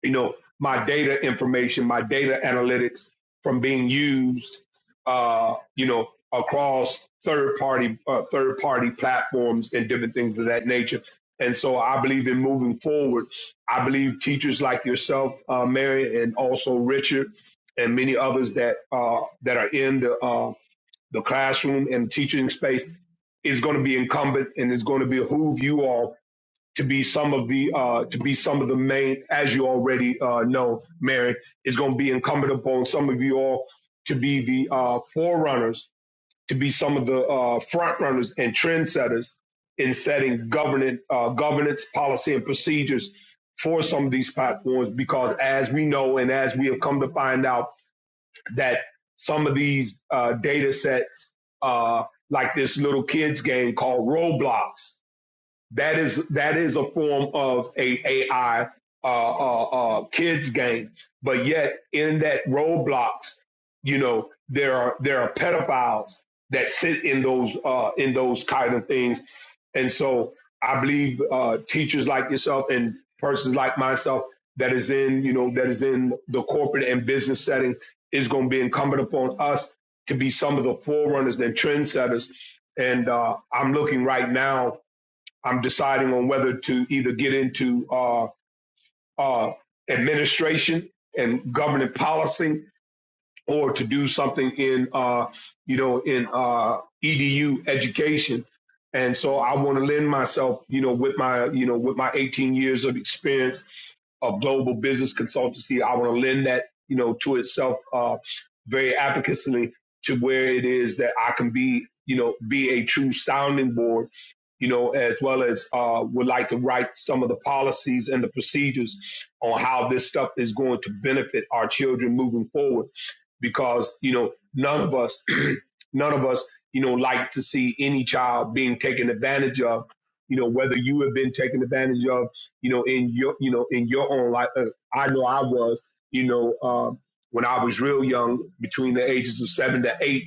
Speaker 4: you know my data information my data analytics from being used uh, you know across third party uh, third party platforms and different things of that nature and so i believe in moving forward i believe teachers like yourself uh, mary and also richard and many others that uh, that are in the uh, the classroom and teaching space is going to be incumbent and it's going to behoove you all to be some of the uh, to be some of the main, as you already uh, know, Mary, is going to be incumbent upon some of you all to be the uh, forerunners, to be some of the uh, front runners and trendsetters in setting governance, uh, governance policy, and procedures for some of these platforms. Because as we know, and as we have come to find out, that some of these uh, data sets, uh, like this little kids game called Roblox that is that is a form of a AI uh, uh, uh, kids game. But yet in that Roblox, you know, there are there are pedophiles that sit in those uh, in those kind of things. And so I believe uh, teachers like yourself and persons like myself that is in, you know, that is in the corporate and business setting is going to be incumbent upon us to be some of the forerunners and trendsetters. And uh, I'm looking right now I'm deciding on whether to either get into uh, uh, administration and governing policy or to do something in, uh, you know, in uh, EDU education. And so I want to lend myself, you know, with my, you know, with my 18 years of experience of global business consultancy. I want to lend that, you know, to itself uh, very advocacy to where it is that I can be, you know, be a true sounding board you know, as well as uh, would like to write some of the policies and the procedures on how this stuff is going to benefit our children moving forward because you know none of us [CLEARS THROAT] none of us you know like to see any child being taken advantage of you know whether you have been taken advantage of you know in your you know in your own life Uh, i know i was you know um, when i was real young between the ages of seven to eight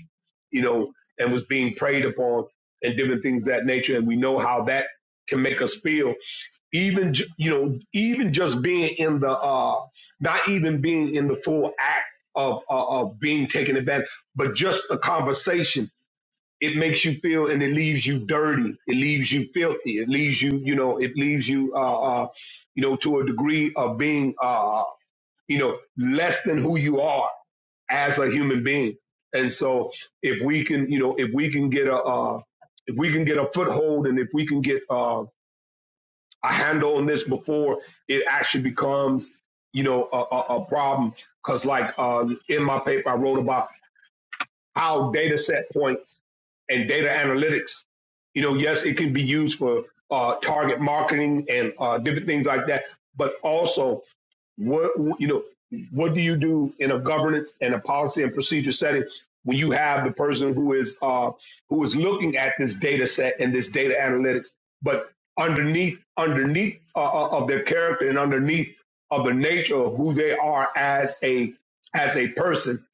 Speaker 4: you know and was being preyed upon and different things of that nature and we know how that can make us feel even ju- you know even just being in the uh not even being in the full act of uh, of being taken advantage but just the conversation it makes you feel and it leaves you dirty it leaves you filthy it leaves you you know it leaves you uh, uh you know to a degree of being uh you know less than who you are as a human being and so if we can you know if we can get a uh if we can get a foothold and if we can get uh, a handle on this before it actually becomes, you know, a, a, a problem. Because, like uh, in my paper, I wrote about how data set points and data analytics, you know, yes, it can be used for uh, target marketing and uh, different things like that, but also what you know, what do you do in a governance and a policy and procedure setting when you have the person who is uh, who is looking at this data set and this data analytics, but underneath underneath uh, uh, of their character and underneath of the nature of who they are as a as a person,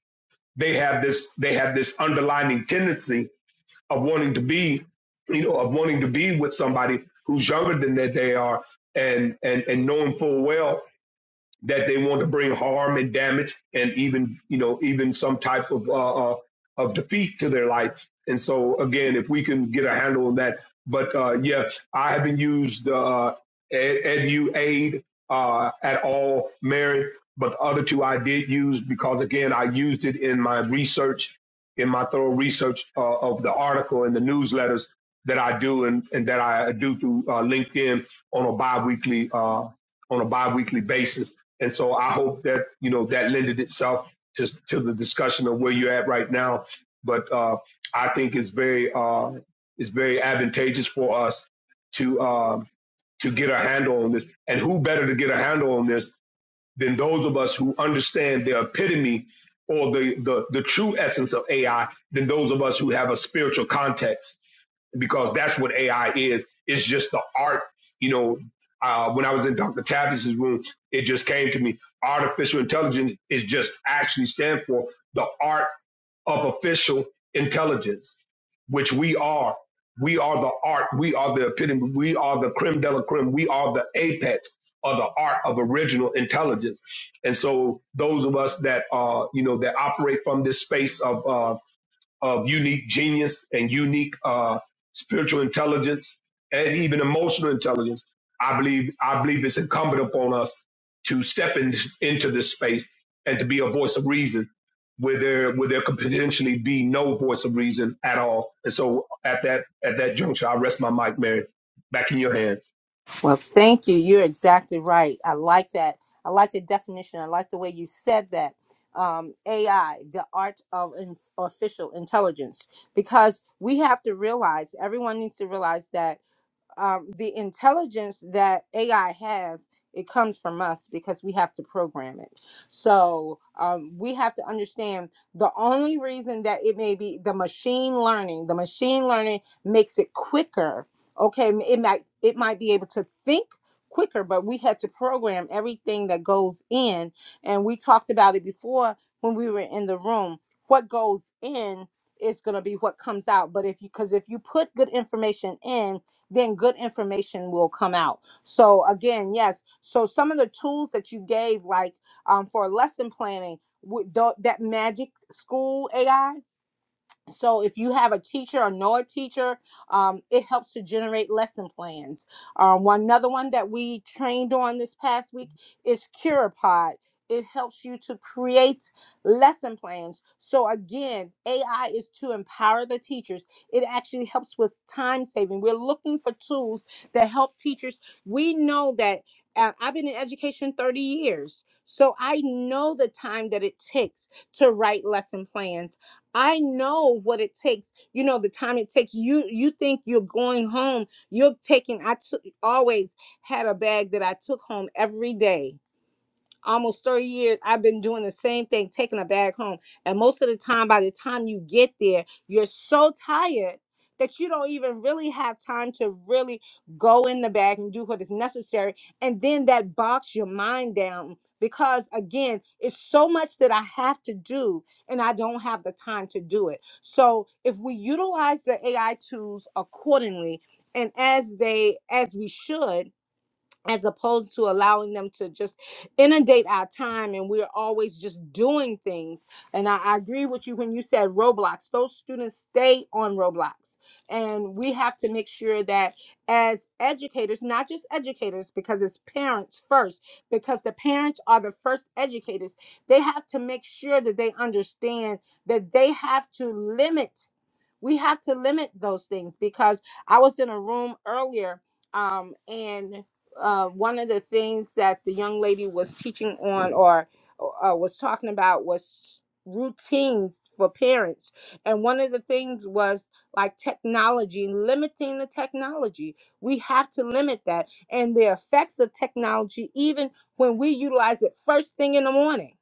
Speaker 4: they have this they have this underlining tendency of wanting to be you know of wanting to be with somebody who's younger than that they are and and and knowing full well that they want to bring harm and damage and even you know even some type of uh, uh, of defeat to their life. And so again, if we can get a handle on that, but uh, yeah, I haven't used uh, Ed- EduAid uh, at all, Mary. But the other two I did use because again, I used it in my research, in my thorough research uh, of the article and the newsletters that I do and, and that I do through uh, LinkedIn on a biweekly uh, on a biweekly basis. And so I hope that, you know, that lended itself to, to the discussion of where you're at right now. But uh, I think it's very, uh, it's very advantageous for us to, um, to get a handle on this. And who better to get a handle on this than those of us who understand the epitome or the, the, the true essence of AI than those of us who have a spiritual context because that's what AI is. It's just the art. You know, uh, when I was in Dr. Tavis's room, it just came to me. Artificial intelligence is just actually stand for the art of official intelligence, which we are. We are the art. We are the epitome. We are the creme de la creme. We are the apex of the art of original intelligence. And so those of us that, uh, you know, that operate from this space of uh, of unique genius and unique uh, spiritual intelligence and even emotional intelligence. I believe I believe it's incumbent upon us to step in, into this space and to be a voice of reason where there where there could potentially be no voice of reason at all. And so at that at that juncture, I rest my mic, Mary, back in your hands.
Speaker 1: Well, thank you. You're exactly right. I like that. I like the definition. I like the way you said that. Um, AI, the art of in- artificial intelligence, because we have to realize, everyone needs to realize that um, the intelligence that AI has, it comes from us because we have to program it. So um, we have to understand the only reason that it may be the machine learning, the machine learning makes it quicker. Okay, m- it might it might be able to think quicker, but we had to program everything that goes in, and we talked about it before when we were in the room. What goes in is going to be what comes out. But if you because if you put good information in then good information will come out. So again, yes. So some of the tools that you gave, like um, for lesson planning, would tho- that magic school AI so if you have a teacher or know a teacher um, it helps to generate lesson plans um, one another one that we trained on this past week is Curapod. it helps you to create lesson plans so again ai is to empower the teachers it actually helps with time saving we're looking for tools that help teachers we know that uh, i've been in education 30 years so i know the time that it takes to write lesson plans I know what it takes. You know the time it takes. You you think you're going home. You're taking. I took always had a bag that I took home every day almost 30 years i've been doing the same thing taking a bag home and most of the time by the time you get there you're so tired that you don't even really have time to really go in the bag and do what is necessary and then that box your mind down because again it's so much that i have to do and i don't have the time to do it so if we utilize the ai tools accordingly and as they as we should as opposed to allowing them to just inundate our time and we're always just doing things and I, I agree with you when you said roblox those students stay on roblox and we have to make sure that as educators not just educators because it's parents first because the parents are the first educators they have to make sure that they understand that they have to limit we have to limit those things because I was in a room earlier, um, and uh, one of the things that the young lady was teaching on or uh, was talking about was routines for parents. And one of the things was like technology, limiting the technology. We have to limit that and the effects of technology, even when we utilize it first thing in the morning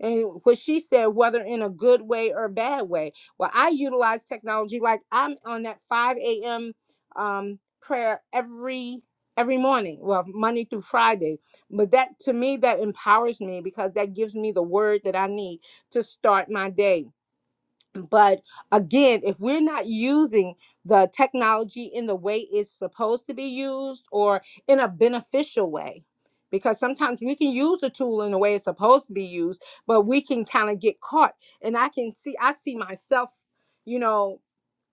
Speaker 1: and what she said, whether in a good way or bad way. Well, I utilize technology like I'm on that 5 a.m. Um, prayer every every morning, well, Monday through Friday. But that to me that empowers me because that gives me the word that I need to start my day but again, if we're not using the technology in the way it's supposed to be used or in a beneficial way, because sometimes we can use the tool in the way it's supposed to be used, but we can kind of get caught. And I can see, I see myself, you know,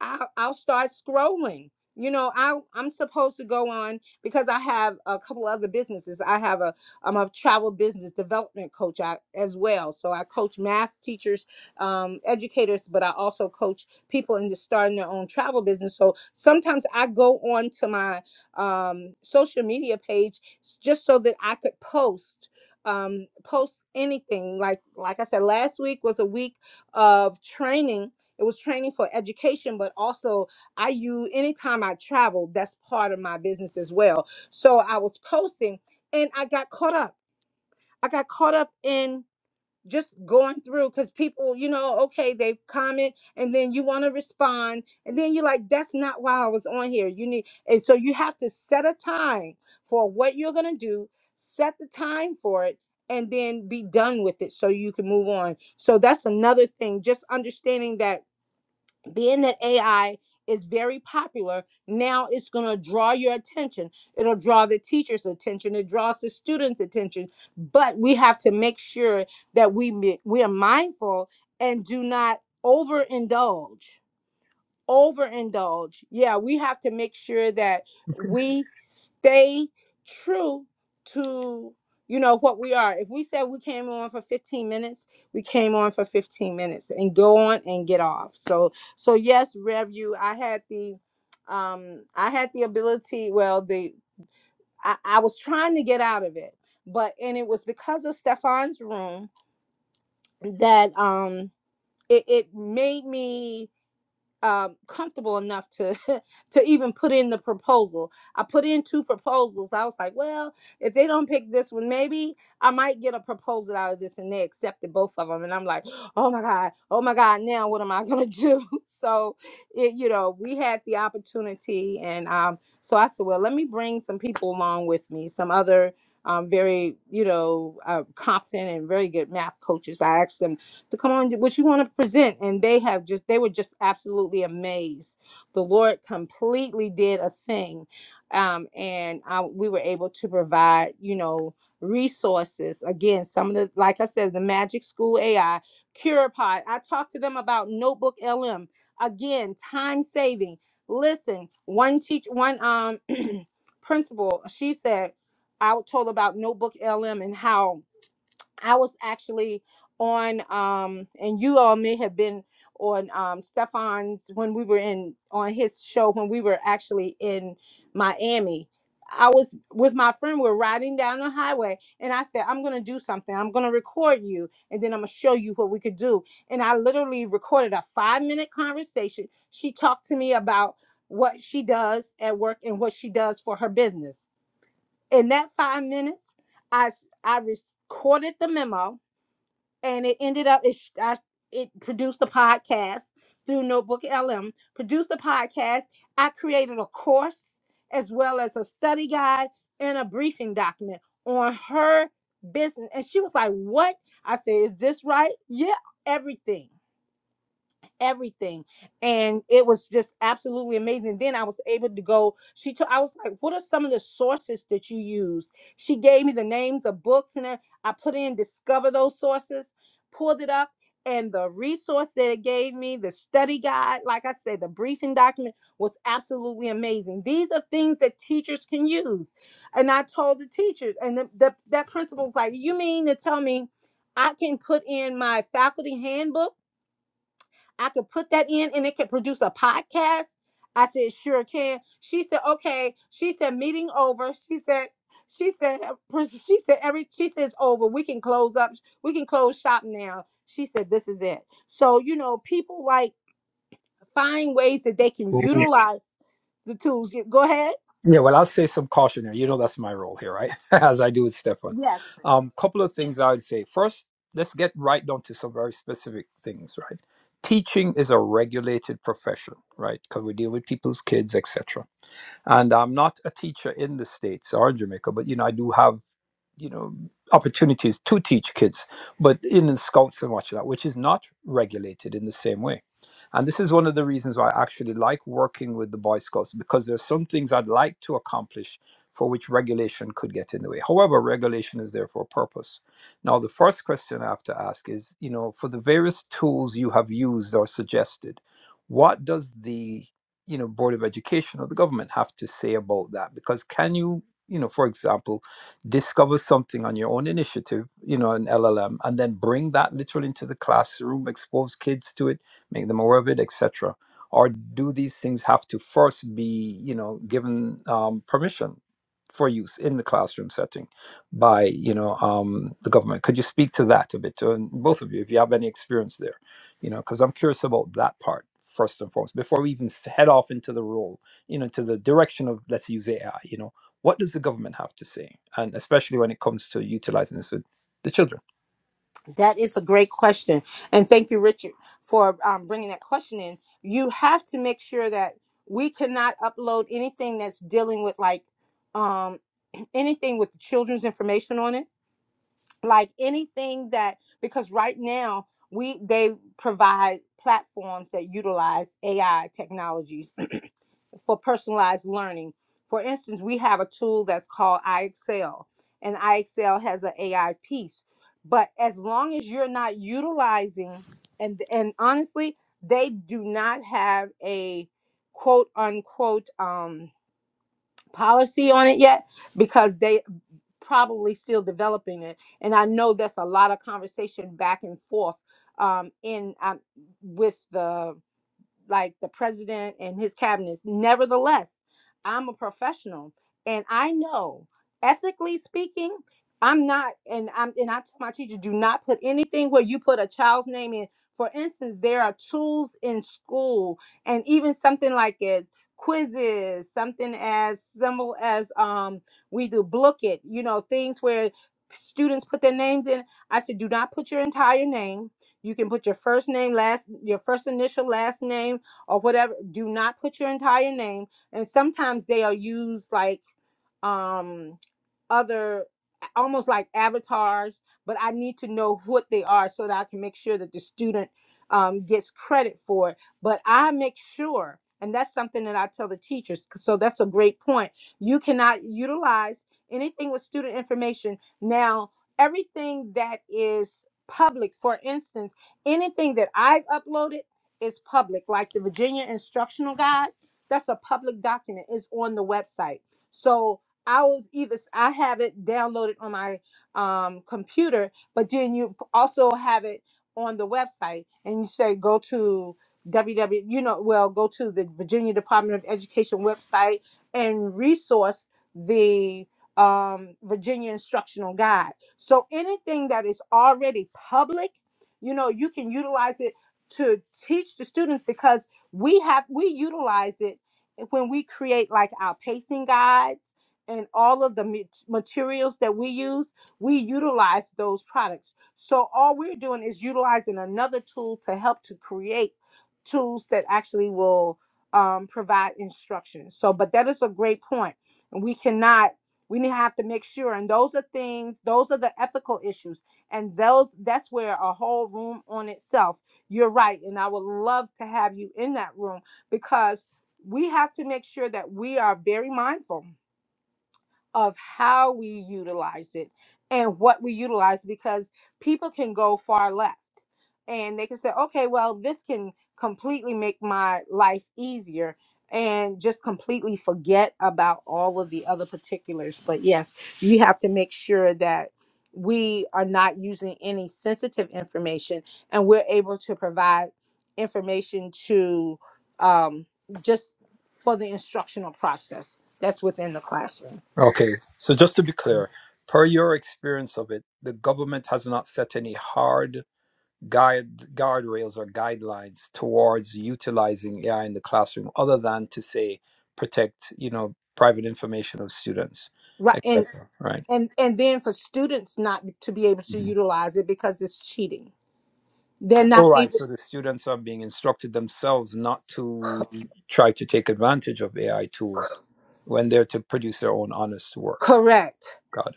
Speaker 1: I'll, I'll start scrolling. You know, I I'm supposed to go on because I have a couple other businesses. I have a I'm a travel business development coach I, as well. So I coach math teachers, um, educators, but I also coach people into starting their own travel business. So sometimes I go on to my um, social media page s- just so that I could post um, post anything. Like like I said, last week was a week of training it was training for education, but also I use anytime I travel, that's part of my business as well. So I was posting and I got caught up. I got caught up in just going through because people, you know, okay, they comment and then you want to respond. And then you're like, that's not why I was on here. You need, and so you have to set a time for what you're going to do, set the time for it, and then be done with it so you can move on. So that's another thing, just understanding that being that AI is very popular, now it's going to draw your attention. It'll draw the teacher's attention. It draws the students' attention. But we have to make sure that we mi- we are mindful and do not overindulge overindulge. Yeah, we have to make sure that we stay true to you know what we are. If we said we came on for 15 minutes, we came on for 15 minutes and go on and get off. So so yes, Rev you, I had the um I had the ability, well the I, I was trying to get out of it. But and it was because of Stefan's room that um it, it made me um, comfortable enough to [LAUGHS] to even put in the proposal. I put in two proposals. I was like, well, if they don't pick this one, maybe I might get a proposal out of this, and they accepted both of them. And I'm like, [GASPS] oh my god, oh my god, now what am I gonna do? [LAUGHS] So, it, you know, we had the opportunity, and um, so I said, well, let me bring some people along with me, some other. Um, very, you know, uh, competent and very good math coaches. I asked them to come on what you want to present and they have just they were just absolutely amazed the lord completely did a thing um, and I, we were able to provide you know resources again some of the like i said the magic school ai curepod i talked to them about notebook lm again time saving listen one teach one um [CLEARS THROAT] principal she said i told her about notebook lm and how I was actually on, um, and you all may have been on um, Stefan's when we were in on his show when we were actually in Miami. I was with my friend. We're riding down the highway, and I said, "I'm gonna do something. I'm gonna record you, and then I'm gonna show you what we could do." And I literally recorded a five minute conversation. She talked to me about what she does at work and what she does for her business. In that five minutes, I s- I recorded the memo and it ended up it sh- I, it produced a podcast through Notebook LM. Produced a podcast. I created a course as well as a study guide and a briefing document on her business. And she was like, "What?" I said, "Is this right?" Yeah, everything everything and it was just absolutely amazing then i was able to go she told i was like what are some of the sources that you use she gave me the names of books and everything. i put in discover those sources pulled it up and the resource that it gave me the study guide like i said the briefing document was absolutely amazing these are things that teachers can use and i told the teachers and the, the, that principal was like you mean to tell me i can put in my faculty handbook I could put that in and it could produce a podcast. I said, sure can. She said, okay. She said, meeting over. She said, she said, she said, every, she says over. We can close up. We can close shop now. She said, this is it. So, you know, people like find ways that they can
Speaker 3: Sure.
Speaker 1: utilize the tools. Go ahead.
Speaker 3: Yeah, well, I'll say some cautionary. You know, that's my role here, right? [LAUGHS] As I do with Stefan.
Speaker 1: Yes.
Speaker 3: Um, couple of things I would say. First, let's get right down to some very specific things, right? Teaching is a regulated profession, right? Because we deal with people's kids, etc. And I'm not a teacher in the states or in Jamaica, but you know, I do have you know opportunities to teach kids but in the scouts and watch that which is not regulated in the same way and this is one of the reasons why i actually like working with the boy scouts because there's some things i'd like to accomplish for which regulation could get in the way however regulation is there for a purpose now the first question i have to ask is you know for the various tools you have used or suggested what does the you know board of education or the government have to say about that because can you you know for example discover something on your own initiative, you know, an LLM, and then bring that literally into the classroom, expose kids to it, make them aware of it, etc. Or do these things have to first be, you know, given um, permission for use in the classroom setting by, you know, um, the government? Could you speak to that a bit, and both of you, if you have any experience there, you know, because I'm curious about that part first and foremost before we even s- head off into the role, you know, to the direction of let's use AI, you know. What does the government have to say? And especially when it comes to utilizing this with the children.
Speaker 1: That is a great question. And thank you, Richard, for um, bringing that question in. You have to make sure that we cannot upload anything that's dealing with like um, [CLEARS THROAT] anything with children's information on it, like anything that, because right now we, they provide platforms that utilize AI technologies for personalized learning. For instance, we have a tool that's called iExcel, and iExcel has an AI piece. But as long as you're not utilizing, and and honestly, they do not have a quote unquote um, policy on it yet because they probably still developing it. And I know that's a lot of conversation back and forth um, in um, with the like the president and his cabinet. Nevertheless, I'm a professional and I know ethically speaking, I'm not and I'm and I tell my teacher, do not put anything where you put a child's name in. For instance, there are tools in school and even something like it quizzes, something as simple as um we do book it, you know, things where students put their names in. I said, do not put your entire name you can put your first name, last your first initial, last name, or whatever. Do not put your entire name. And sometimes they are used like um other almost like avatars but i need to know what they are so that i can make sure that the student um, gets credit for it but i make sure and that's something that i tell the teachers 'cause- so that's a great point you cannot utilize anything with student information now everything that is public for instance anything that i've uploaded is public like the virginia instructional guide that's a public document is on the website so I was either I have it downloaded on my um, computer, but then you p- also have it on the website, and you say go to www. You know, well, go to the Virginia Department of Education website and resource the um, Virginia Instructional Guide. So anything that is already public, you know, you can utilize it to teach the students because we have we utilize it when we create like our pacing guides and all of the mat- materials that we use, we utilize those products. So all we're doing is utilizing another tool to help to create tools that actually will um, provide instruction. So, but that is a great point, and we cannot. We need to have to make sure, and those are things. Those are the ethical issues, and those that's where a whole room on itself. You're right, and I would love to have you in that room because we have to make sure that we are very mindful of how we utilize it and what we utilize because people can go far left and they can say, okay, well, this can completely make my life easier and just completely forget about all of the other particulars. But yes, you have to make sure that we are not using any sensitive information and we're able to provide information to um, just for the instructional process that's within the classroom.
Speaker 3: Okay, so just to be clear, per your experience of it, the government has not set any hard guide guardrails or guidelines towards utilizing AI in the classroom, other than to say protect, you know, private information of students,
Speaker 1: Right. And
Speaker 3: etc. Right?
Speaker 1: and and then for students not to be able to utilize it because it's cheating they're not
Speaker 3: All right,
Speaker 1: able
Speaker 3: so the students are being instructed themselves not to try to take advantage of AI tools when they're to produce their own honest work.
Speaker 1: correct
Speaker 3: Got it.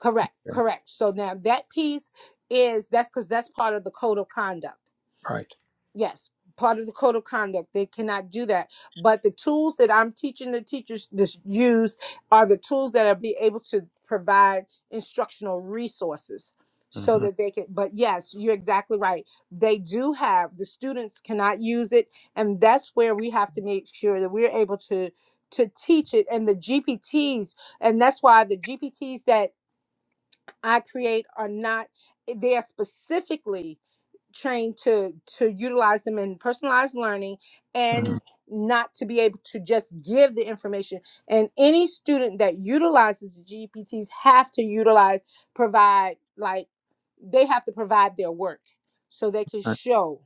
Speaker 1: correct
Speaker 3: Yeah.
Speaker 1: correct so now that piece is that's because that's part of the code of conduct
Speaker 3: Right.
Speaker 1: Yes, part of the code of conduct. They cannot do that. But the tools that I'm teaching the teachers to use are the tools that are be able to provide instructional resources so
Speaker 3: hmm
Speaker 1: that they can but yes you're exactly right they do have the students cannot use it and that's where we have to make sure that we're able to to teach it and the gpts and that's why the gpts that i create are not eh, they are specifically trained to to utilize them in personalized learning and
Speaker 3: hmm
Speaker 1: not to be able to just give the information and any student that utilizes the gpts have to utilize provide like they have to provide their work so they can show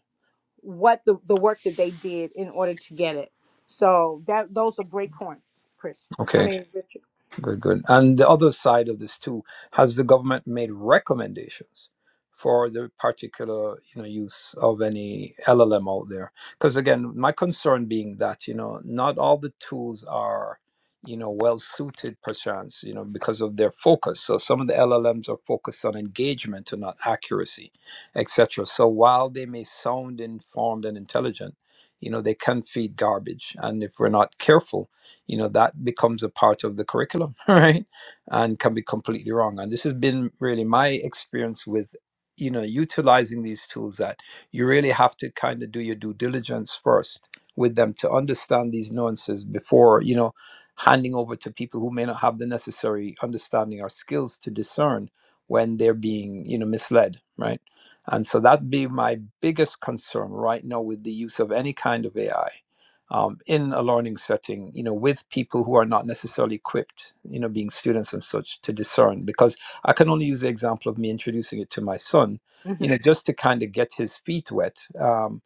Speaker 1: what the, the work that they did in order to get it so that those are great points chris i
Speaker 3: Okay.
Speaker 1: mean richard
Speaker 3: Good, good. And the other side of this too, has the government made recommendations for the particular, you know, use of any LLM out there? Because again, my concern being that, you know, not all the tools are, you know, well suited perchance, you know, because of their focus. So some of the LLMs are focused on engagement and not accuracy, etc. So while they may sound informed and intelligent, you know, they can feed garbage. And if we're not careful, you know that becomes a part of the curriculum [LAUGHS] right and can be completely wrong and this has been really my experience with you know utilizing these tools that you really have to kind of do your due diligence first with them to understand these nuances before you know handing over to people who may not have the necessary understanding or skills to discern when they're being you know misled right and so that'd be my biggest concern right now with the use of any kind of ai um, in a learning setting, you know, with people who are not necessarily equipped, you know, being students and such to discern. Because I can only use the example of me introducing it to my son, you
Speaker 1: hmm
Speaker 3: know, just to kind of get his feet wet. Um,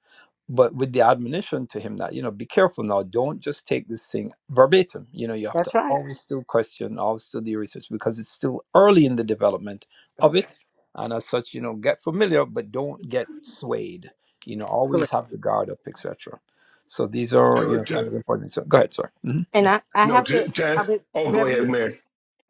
Speaker 3: but with the admonition to him that, you know, be careful now, don't just take this thing verbatim. You know, you have to
Speaker 1: that's right
Speaker 3: always still question, always still do your research because it's still early in the development of
Speaker 1: that's
Speaker 3: it. And as such, you know, get familiar, but don't get swayed. You know, always
Speaker 1: correct
Speaker 3: have the guard up, etc. So these are, you
Speaker 4: To,
Speaker 3: know,
Speaker 4: to,
Speaker 3: kind of important. So go ahead, sorry. hmm
Speaker 1: and
Speaker 3: Yeah.
Speaker 1: i i
Speaker 4: no,
Speaker 1: have to
Speaker 4: to, to,
Speaker 1: i would
Speaker 4: oh, go ahead,
Speaker 1: review
Speaker 4: Mary.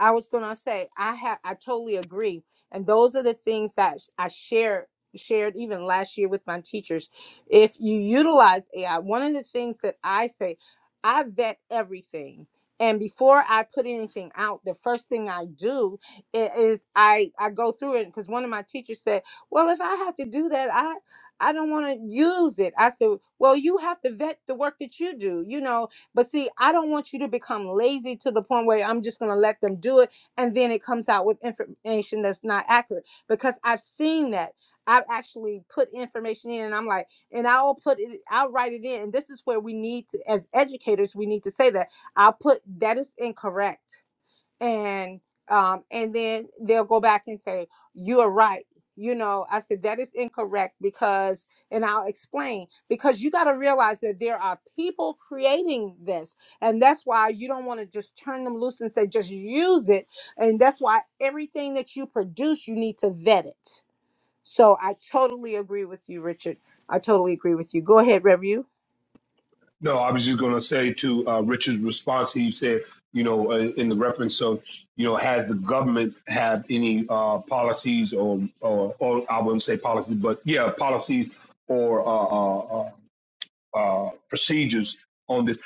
Speaker 1: I was going to say I have I totally agree and those are the things that I share shared even last year with my teachers if you utilize AI one of the things that I say I vet everything and before I put anything out the first thing I do i- is I I go through it because one of my teachers said well if I have to do that I I don't want to use it. I said, well, you have to vet the work that you do. You know, but see, I don't want you to become lazy to the point where I'm just going to let them do it. And then it comes out with information that's not accurate because I've seen that. I've actually put information in and I'm like, and I'll put it, I'll write it in. And this is where we need to, as educators, we need to say that I'll put that is incorrect and um and then they'll go back and say you are right you know i said that is incorrect because and i'll explain because you got to realize that there are people creating this and that's why you don't want to just turn them loose and say just use it and that's why everything that you produce you need to vet it so i totally agree with you richard i totally agree with you go ahead review
Speaker 4: No, I was just going to say to uh, Richard's response, he said, you know, uh, in the reference of, you know, has the government have any uh, policies or, or, or I wouldn't say policies, but yeah, policies or uh, uh, uh, uh, procedures on this.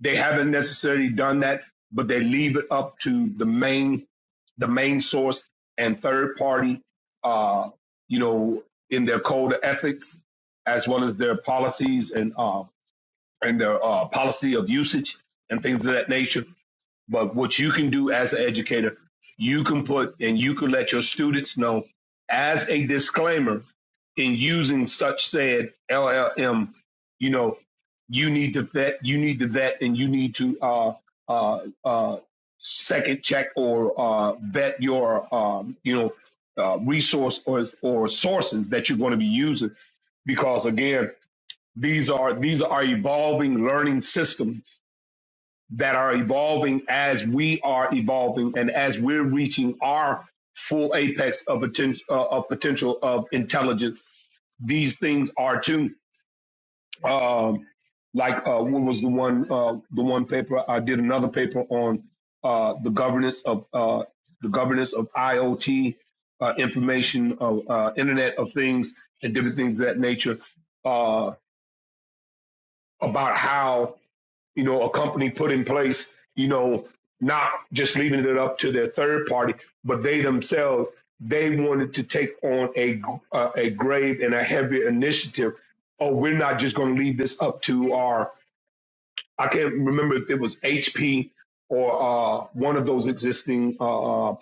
Speaker 4: They haven't necessarily done that, but they leave it up to the main the main source and third party, uh, you know, in their code of ethics as well as their policies and uh, and their uh, policy of usage and things of that nature. But what you can do as an educator, you can put and you can let your students know as a disclaimer in using such said LLM, you know, you need to vet, you need to vet, and you need to uh, uh, uh, second check or uh, vet your, um, you know, uh, resource or, or sources that you're going to be using because again these are these are evolving learning systems that are evolving as we are evolving and as we're reaching our full apex of potential uh, of potential of intelligence. These things are too. Um, like uh, what was the one uh, the one paper I did another paper on uh, the governance of uh, the governance of IoT uh, information of uh, Internet of Things and different things of that nature uh, about how you know, a company put in place, you know, not just leaving it up to their third party, but they themselves, they wanted to take on a uh, a grave and a heavy initiative. Oh, we're not just going to leave this up to our I can't remember if it was HP or uh, one of those existing uh, uh,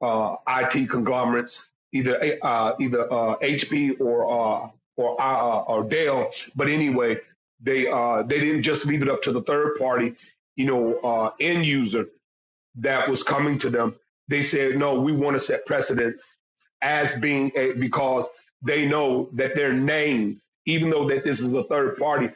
Speaker 4: uh, IT conglomerates, either uh, either uh, HP or uh, or uh, uh, or Dell. But anyway, they uh, they didn't just leave it up to the third party, you know, uh, end user that was coming to them. They said, no, we want to set precedence as being a, because they know that their name, even though that this is a third party,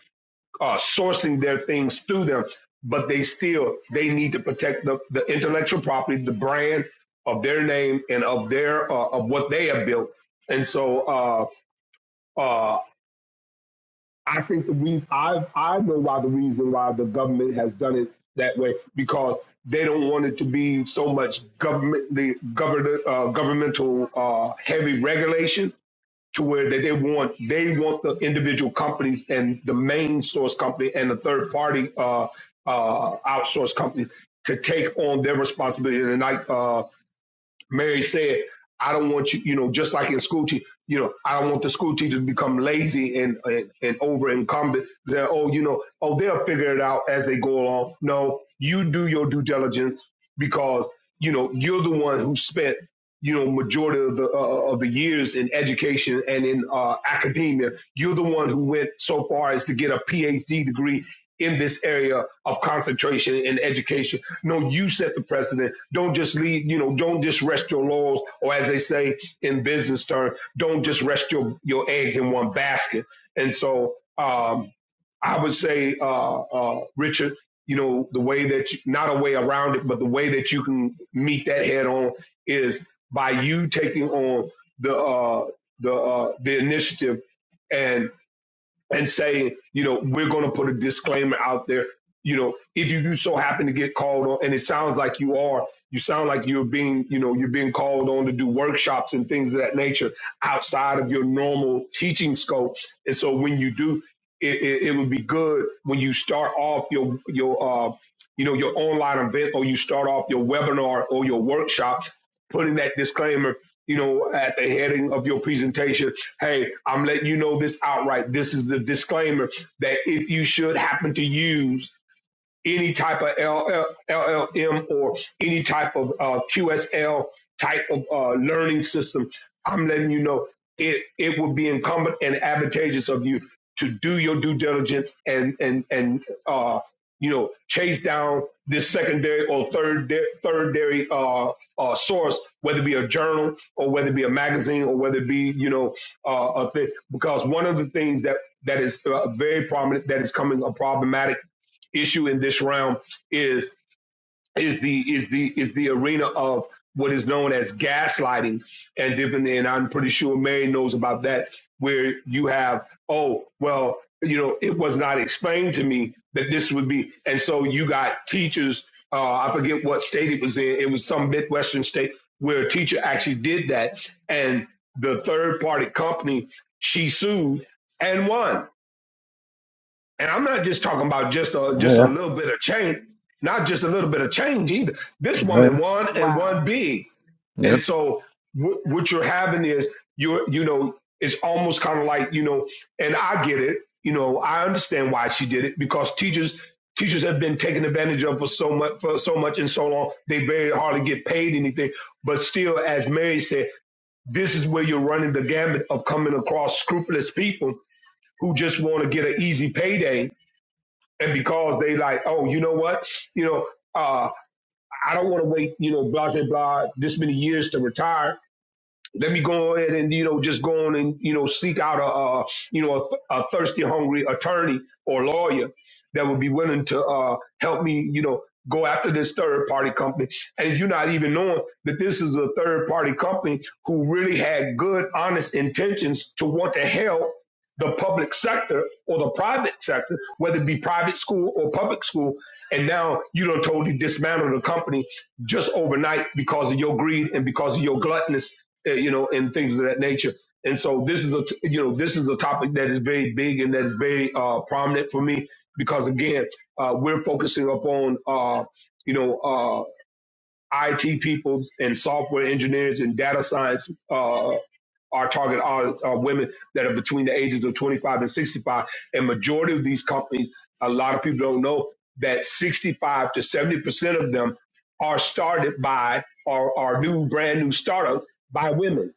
Speaker 4: uh, sourcing their things through them, but they still they need to protect the, the intellectual property, the brand of their name and of their uh, of what they have built. And so uh, uh, I think the reason I I know why the reason why the government has done it that way because they don't want it to be so much government the government uh, governmental uh, heavy regulation to where they, they want they want the individual companies and the main source company and the third party uh, uh, outsource companies to take on their responsibility. And like uh, Mary said, I don't want you, you know, just like in school, te- you know, I don't want the school teachers to become lazy and, and, and over incumbent. They're, oh, you know, oh, they'll figure it out as they go along. No, you do your due diligence because, you know, you're the one who spent, you know, majority of the, uh, of the years in education and in uh, academia. You're the one who went so far as to get a PhD degree in this area of concentration in education no, you set the precedent. Don't just leave, you know, don't just rest your laurels, or as they say in business terms, don't just rest your, your eggs in one basket. And so um, I would say, uh, uh, Richard, you know, the way that, you, not a way around it, but the way that you can meet that head on is by you taking on the, uh, the, uh, the initiative and and saying, you know, we're going to put a disclaimer out there. You know, if you, you so happen to get called on, and it sounds like you are, you sound like you're being, you know, you're being called on to do workshops and things of that nature outside of your normal teaching scope. And so when you do, it, it, it would be good when you start off your your uh, you know your online event or you start off your webinar or your workshop, putting that disclaimer, you know, at the heading of your presentation Hey, I'm letting you know this outright. This is the disclaimer that if you should happen to use any type of LL, LLM or any type of uh, QSL type of uh, learning system, I'm letting you know it, it would be incumbent and advantageous of you to do your due diligence and and and uh, you know chase down this secondary or third thirdary uh, uh, source, whether it be a journal or whether it be a magazine or whether it be you know uh, a thing. Because one of the things that that is uh, very prominent that is coming a problematic issue in this round is is the is the is the arena of what is known as gaslighting and different and I'm pretty sure Mary knows about that where you have oh well you know it was not explained to me that this would be and so you got teachers uh, I forget what state it was in it was some midwestern state where a teacher actually did that and the third party company she sued and won and I'm not just talking about just a
Speaker 3: Oh,
Speaker 4: just a
Speaker 3: yeah.
Speaker 4: little bit of change, not just a little bit of change either. This
Speaker 3: Oh, yeah.
Speaker 4: woman won and
Speaker 1: Wow.
Speaker 4: won big. And
Speaker 3: Yep.
Speaker 4: so what what you're having is you're you know it's almost kind of like you know, and I get it. You know, I understand why she did it because teachers teachers have been taken advantage of for so much for so much and so long. They very hardly get paid anything. But still, as Mary said, this is where you're running the gamut of coming across scrupulous people who just want to get an easy payday and because they like, oh, you know what, you know, uh, I don't want to wait, you know, blah blah blah, this many years to retire let me go ahead and you know just go on and you know seek out a, uh you know a, a thirsty hungry attorney or lawyer that would be willing to uh help me you know go after this third party company and you're not even knowing that this is a third party company who really had good honest intentions to want to help the public sector or the private sector whether it be private school or public school and now you don't totally dismantle the company just overnight because of your greed and because of your gluttonous, uh, you know, and things of that nature. And so this is a, t- you know, this is a topic that is very big and that's very uh, prominent for me because again, uh, we're focusing upon, uh, you know, uh, IT people and software engineers and data science uh, our target audience are women that are between the ages of 25 and 65. And majority of these companies, a lot of people don't know that 65 to 70 percent of them are started by or are new brand new startups by women.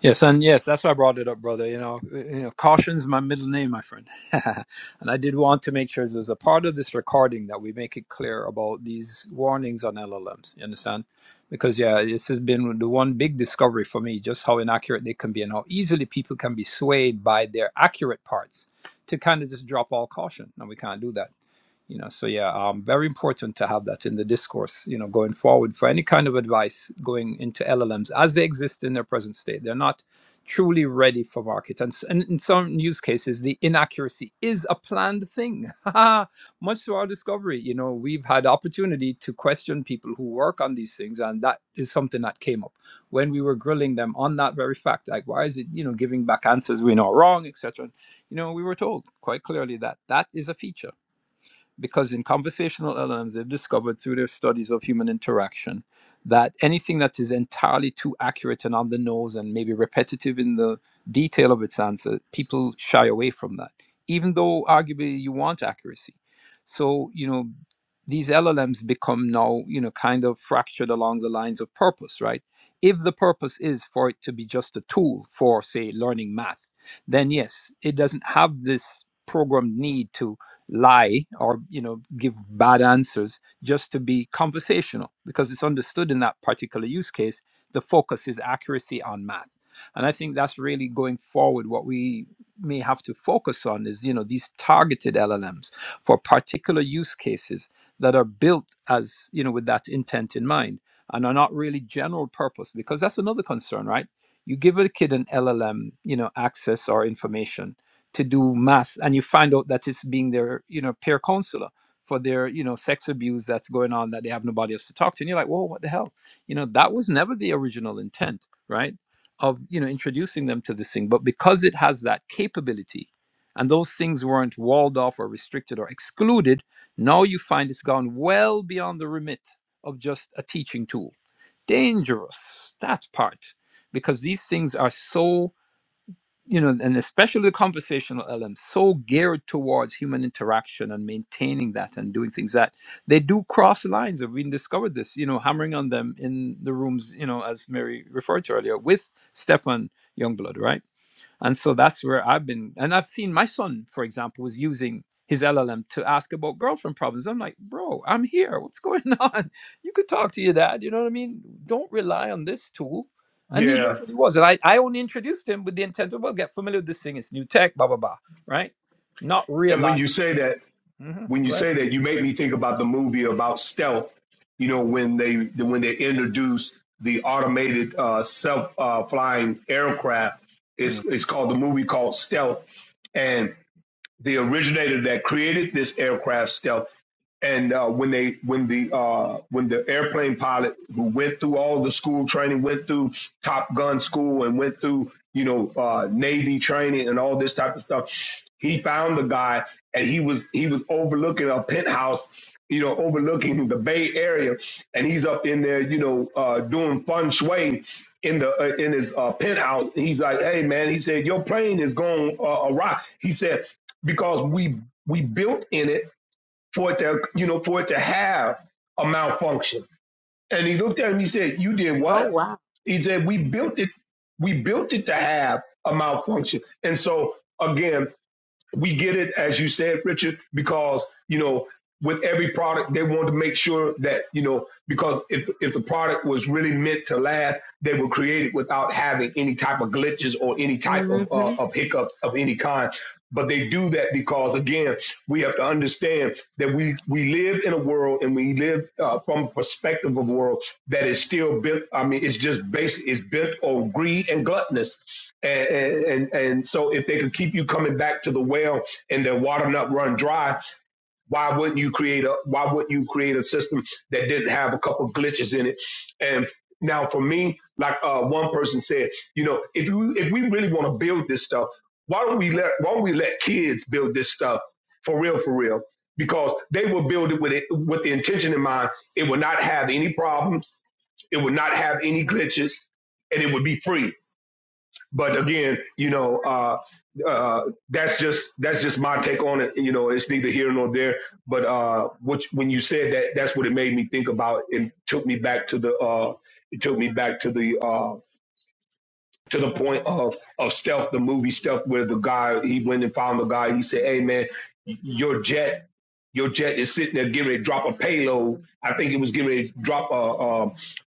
Speaker 3: Yes, and yes, that's why I brought it up, brother. You know, you know, caution's my middle name, my friend. [LAUGHS] and I did want to make sure there's a part of this recording that we make it clear about these warnings on LLMs. You understand? Because yeah, this has been the one big discovery for me, just how inaccurate they can be and how easily people can be swayed by their accurate parts to kind of just drop all caution. And we can't do that. you know so yeah um, very important to have that in the discourse you know going forward for any kind of advice going into llms as they exist in their present state they're not truly ready for market and, s- and in some use cases the inaccuracy is a planned thing [LAUGHS] much to our discovery you know we've had opportunity to question people who work on these things and that is something that came up when we were grilling them on that very fact like why is it you know giving back answers we know are wrong etc you know we were told quite clearly that that is a feature because in conversational LLMs, they've discovered through their studies of human interaction that anything that is entirely too accurate and on the nose and maybe repetitive in the detail of its answer, people shy away from that, even though arguably you want accuracy. So, you know, these LLMs become now, you know, kind of fractured along the lines of purpose, right? If the purpose is for it to be just a tool for, say, learning math, then yes, it doesn't have this programmed need to lie or you know give bad answers just to be conversational because it's understood in that particular use case the focus is accuracy on math and i think that's really going forward what we may have to focus on is you know these targeted llms for particular use cases that are built as you know with that intent in mind and are not really general purpose because that's another concern right you give a kid an llm you know access or information to do math and you find out that it's being their you know peer counselor for their you know sex abuse that's going on that they have nobody else to talk to and you're like whoa what the hell you know that was never the original intent right of you know introducing them to this thing but because it has that capability and those things weren't walled off or restricted or excluded now you find it's gone well beyond the remit of just a teaching tool dangerous that part because these things are so you know, and especially the conversational elements, so geared towards human interaction and maintaining that and doing things that they do cross lines. I've even discovered this, you know, hammering on them in the rooms, you know, as Mary referred to earlier with Stefan Youngblood, right? And so that's where I've been. And I've seen my son, for example, was using his LLM to ask about girlfriend problems. I'm like, bro, I'm here. What's going [LAUGHS] on? You could talk to your dad. You know what I mean? Don't rely on this tool. And he
Speaker 4: Yeah,
Speaker 3: literally was. And I, I only introduced him with the intent of, well, get familiar with this thing. It's new tech, blah, blah, blah. Right? Not
Speaker 4: and when
Speaker 3: realize.
Speaker 4: you say that,
Speaker 3: hmm
Speaker 4: when you
Speaker 3: Go ahead.
Speaker 4: say that, you make me think about the movie about stealth. You know, when they when they introduce the automated uh, self uh, flying aircraft, it's
Speaker 3: Mm.
Speaker 4: it's called the movie called Stealth, and the originator that created this aircraft stealth and uh, when they when the uh, when the airplane pilot who went through all the school training went through top gun school and went through you know uh, navy training and all this type of stuff he found the guy and he was he was overlooking a penthouse you know overlooking the bay area and he's up in there you know uh, doing feng shui in the uh, in his uh, penthouse And he's like hey man he said your plane is going uh, awry he said because we we built in it for it to you know for it to have a malfunction. And he looked at him. He said, "You did
Speaker 1: oh
Speaker 4: what?"
Speaker 1: wow
Speaker 4: He said, "We built it. We built it to have a malfunction." And so again, we get it as you said, Richard, because you know with every product they wanted to make sure that you know because if if the product was really meant to last, they would create it without having any type of glitches or any type of uh,
Speaker 1: hmm
Speaker 4: of hiccups of any kind. But they do that because, again, we have to understand that we we live in a world and we live uh, from a perspective of a world that is still built. I mean, it's just based it's built on greed and gluttonous, and and and, and so if they can keep you coming back to the well and their water not run dry, why wouldn't you create a Why wouldn't you create a system that didn't have a couple glitches in it? And now, for me, like uh, one person said, you know, if you if we really want to build this stuff, why don't we let Why don't we let kids build this stuff for real, for real? Because they will build it with it with the intention in mind. It will not have any problems. It will not have any glitches, and it would be free but again, you know, uh, uh, that's just that's just my take on it. You know, it's neither here nor there. But uh, what, when you said that, that's what it made me think about, and took me back to the uh, it took me back to the uh, to the point of of stealth, the movie stealth, where the guy he went and found the guy. He said, "Hey man, your jet your jet is sitting there getting ready to drop a payload. I think it was getting ready to drop a,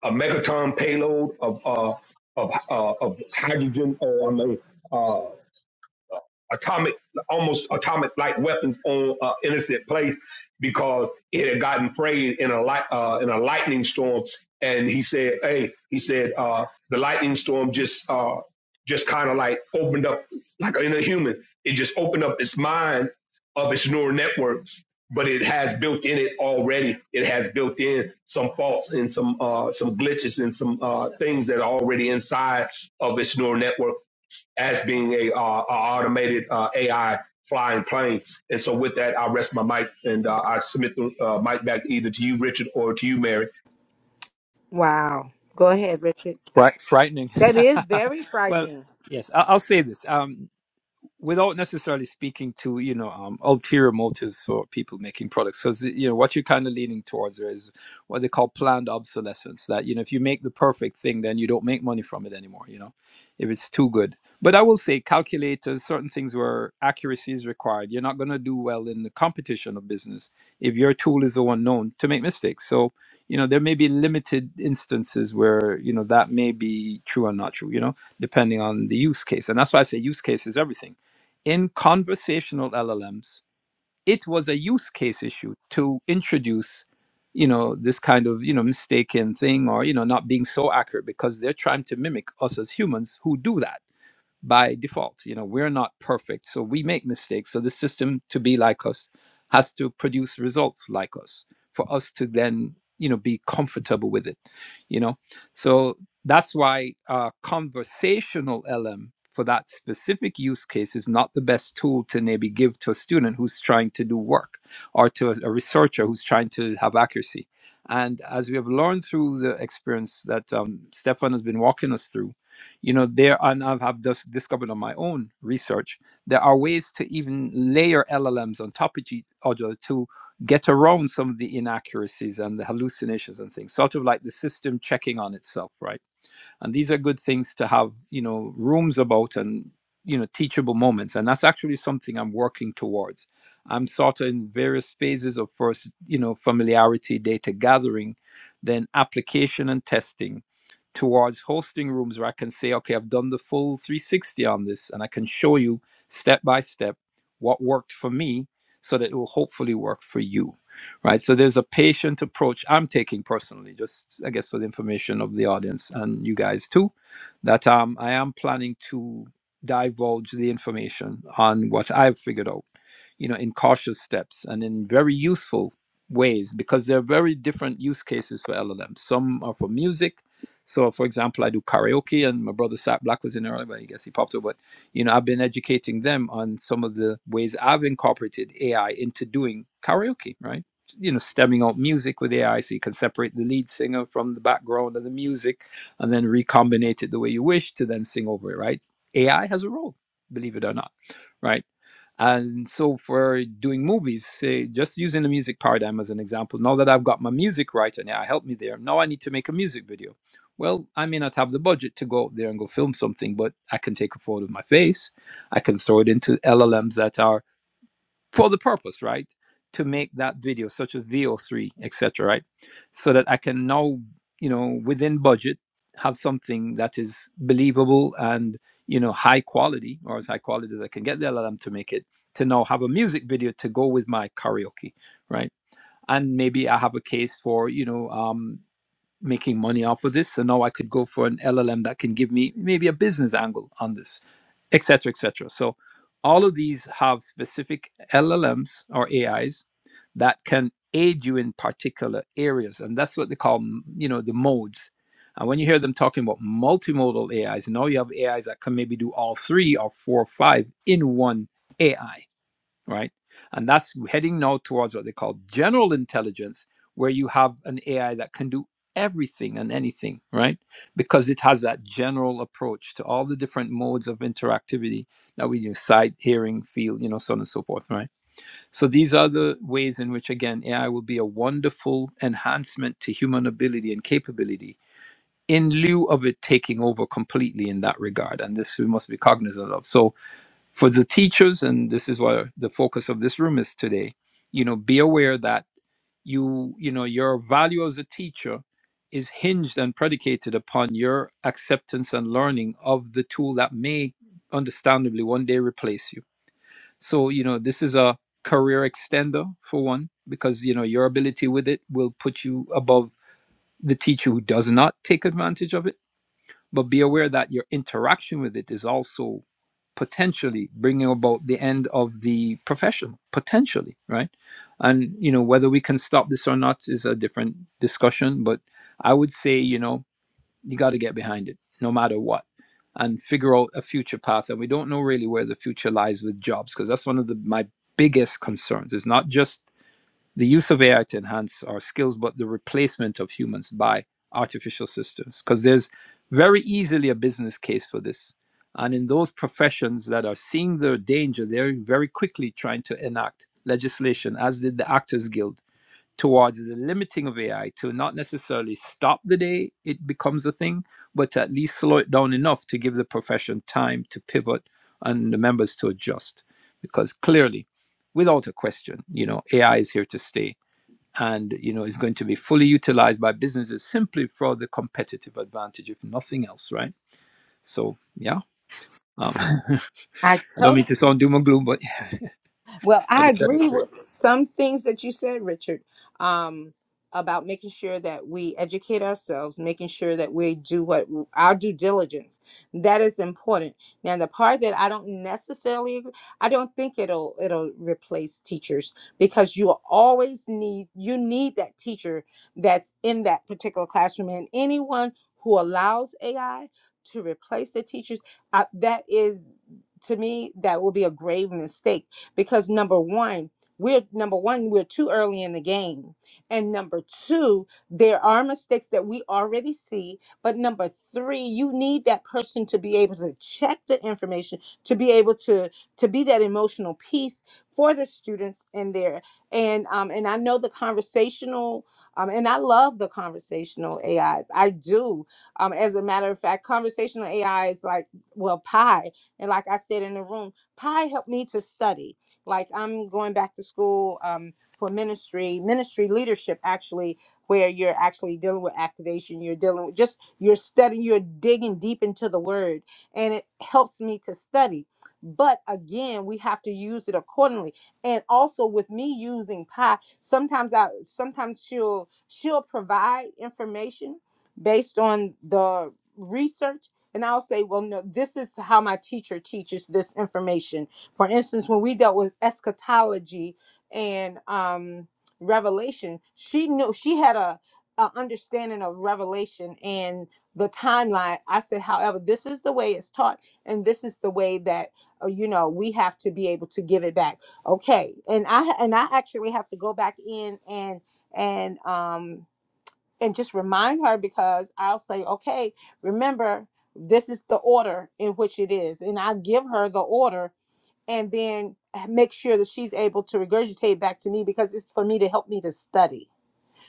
Speaker 4: a, a megaton payload of uh, of, uh, of hydrogen or I mean, atomic, almost atomic like weapons on uh, innocent place because it had gotten prayed in a light uh, in a lightning storm. And he said, "Hey," he said, uh, "the lightning storm just uh, just kind of like opened up like in a human. It just opened up its mind of its neural network." But it has built in it already. It has built in some faults and some uh, some glitches and some uh, things that are already inside of its neural network as being a, uh, a automated uh, AI flying plane. And so with that, I rest my mic and uh, I submit the uh, mic back either to you, Richard, or to you, Mary.
Speaker 1: wow go ahead richard
Speaker 3: Right. Frightening.
Speaker 1: That is very
Speaker 3: [LAUGHS] well,
Speaker 1: frightening.
Speaker 3: yes, I, I'll say this. Um, without necessarily speaking to you know um, ulterior motives for people making products because you know what you're kind of leaning towards there is what they call planned obsolescence that you know if you make the perfect thing then you don't make money from it anymore you know if it's too good but i will say calculators certain things where accuracy is required you're not going to do well in the competition of business if your tool is the one known to make mistakes so you know there may be limited instances where you know that may be true or not true you know depending on the use case and that's why i say use case is everything in conversational LLMs, it was a use case issue to introduce, you know, this kind of, you know, mistaken thing or, you know, not being so accurate because they're trying to mimic us as humans who do that by default. You know, we're not perfect, so we make mistakes. So the system to be like us has to produce results like us for us to then, you know, be comfortable with it. You know, so that's why uh, conversational LM for that specific use case is not the best tool to maybe give to a student who's trying to do work or to a, a researcher who's trying to have accuracy. And as we have learned through the experience that um, Stefan has been walking us through, you know there and i've have just discovered on my own research there are ways to even layer llms on top of each other to get around some of the inaccuracies and the hallucinations and things sort of like the system checking on itself right and these are good things to have you know rooms about and you know teachable moments and that's actually something i'm working towards i'm sort of in various phases of first you know familiarity data gathering then application and testing towards hosting rooms where i can say okay i've done the full 360 on this and i can show you step by step what worked for me so that it will hopefully work for you right? So there's a patient approach I'm taking personally, just I guess for the information of the audience and you guys too, that um, I am planning to divulge the information on what I've figured out, you know, in cautious steps and in very useful ways because there are very different use cases for LLMs. Some are for music. So, for example, I do karaoke, and my brother Sat Black was in earlier, but I guess he popped up. But you know, I've been educating them on some of the ways I've incorporated AI into doing karaoke, right? you know stemming out music with AI, so you can separate the lead singer from the background of the music, and then recombine it the way you wish to then sing over it. Right? AI has a role, believe it or not. Right? And so for doing movies, say just using the music paradigm as an example. Now that I've got my music right and AI helped me there, now I need to make a music video. Well, I may not have the budget to go out there and go film something, but I can take a photo of my face. I can throw it into LLMs that are for the purpose, right? To make that video, such as VO3, etc., right? So that I can now, you know, within budget, have something that is believable and you know high quality, or as high quality as I can get the LLM to make it. To now have a music video to go with my karaoke, right? And maybe I have a case for you know. Um, making money off of this. So now I could go for an LLM that can give me maybe a business angle on this, et cetera, et cetera. So all of these have specific LLMs or AIs that can aid you in particular areas. And that's what they call, m- you know, the modes. And when you hear them talking about multimodal AIs, now you have AIs that can maybe do all three or four or five in one AI right? And that's heading now towards what they call general intelligence, where you have an AI that can do everything and anything, right? Because it has that general approach to all the different modes of interactivity that we use sight, hearing, feel, you know, so on and so forth, right? So these are the ways in which, again, AI will be a wonderful enhancement to human ability and capability in lieu of it taking over completely in that regard. And this we must be cognizant of. So for the teachers and this is what the focus of this room is today you know be aware that you you know your value as a teacher is hinged and predicated upon your acceptance and learning of the tool that may understandably one day replace you so you know this is a career extender for one because you know your ability with it will put you above the teacher who does not take advantage of it but be aware that your interaction with it is also potentially bringing about the end of the profession, potentially, right? And, you know, whether we can stop this or not is a different discussion. But I would say, you know, you got to get behind it no matter what and figure out a future path. And we don't know really where the future lies with jobs because that's one of the, my biggest concerns. It's not just the use of AI to enhance our skills, but the replacement of humans by artificial systems. Because there's very easily a business case for this. And in those professions that are seeing the danger, they're very quickly trying to enact legislation, as did the Actors Guild, towards the limiting of AI to not necessarily stop the day it becomes a thing, but to at least slow it down enough to give the profession time to pivot and the members to adjust. Because clearly, without a question, you know, AI is here to stay and you know is going to be fully utilized by businesses simply for the competitive advantage if nothing else right so yeah um, [LAUGHS] i
Speaker 1: I
Speaker 3: don't mean to sound doom and gloom but
Speaker 1: Well,
Speaker 3: yeah,
Speaker 1: I
Speaker 3: to set it
Speaker 1: agree
Speaker 3: straight
Speaker 1: with some things that you said, Richard, um, about making sure that we educate ourselves, making sure that we do what our due diligence. That is important. Now, the part that I don't necessarily, agree, I don't think it'll it'll replace teachers because you will always need you need that teacher that's in that particular classroom, and anyone who allows AI to replace the teachers, uh, that is to me that will be a grave mistake because number one, we're number one, we're too early in the game. And number two, there are mistakes that we already see. But number three, you need that person to be able to check the information, to be able to to be that emotional piece for the students in there. And um, and I know the conversational, um, and I love the conversational AIs. I do. Um, as a matter of fact, conversational AI is like, well, Pi. And like I said in the room, Pi helped me to study like i'm going back to school um, for ministry ministry leadership actually where you're actually dealing with activation you're dealing with just you're studying you're digging deep into the word and it helps me to study but again we have to use it accordingly and also with me using pi sometimes i sometimes she'll she'll provide information based on the research and i'll say well no this is how my teacher teaches this information for instance, when we dealt with eschatology and um, Revelation, she knew she had a, a understanding of Revelation and the timeline. I said, however, this is the way it's taught, and this is the way that uh, you know we have to be able to give it back. Okay, and I and I actually have to go back in and and um and just remind her because I'll say, okay, remember this is the order in which it is, and I give her the order and then make sure that she's able to regurgitate back to me because it's for me to help me to study.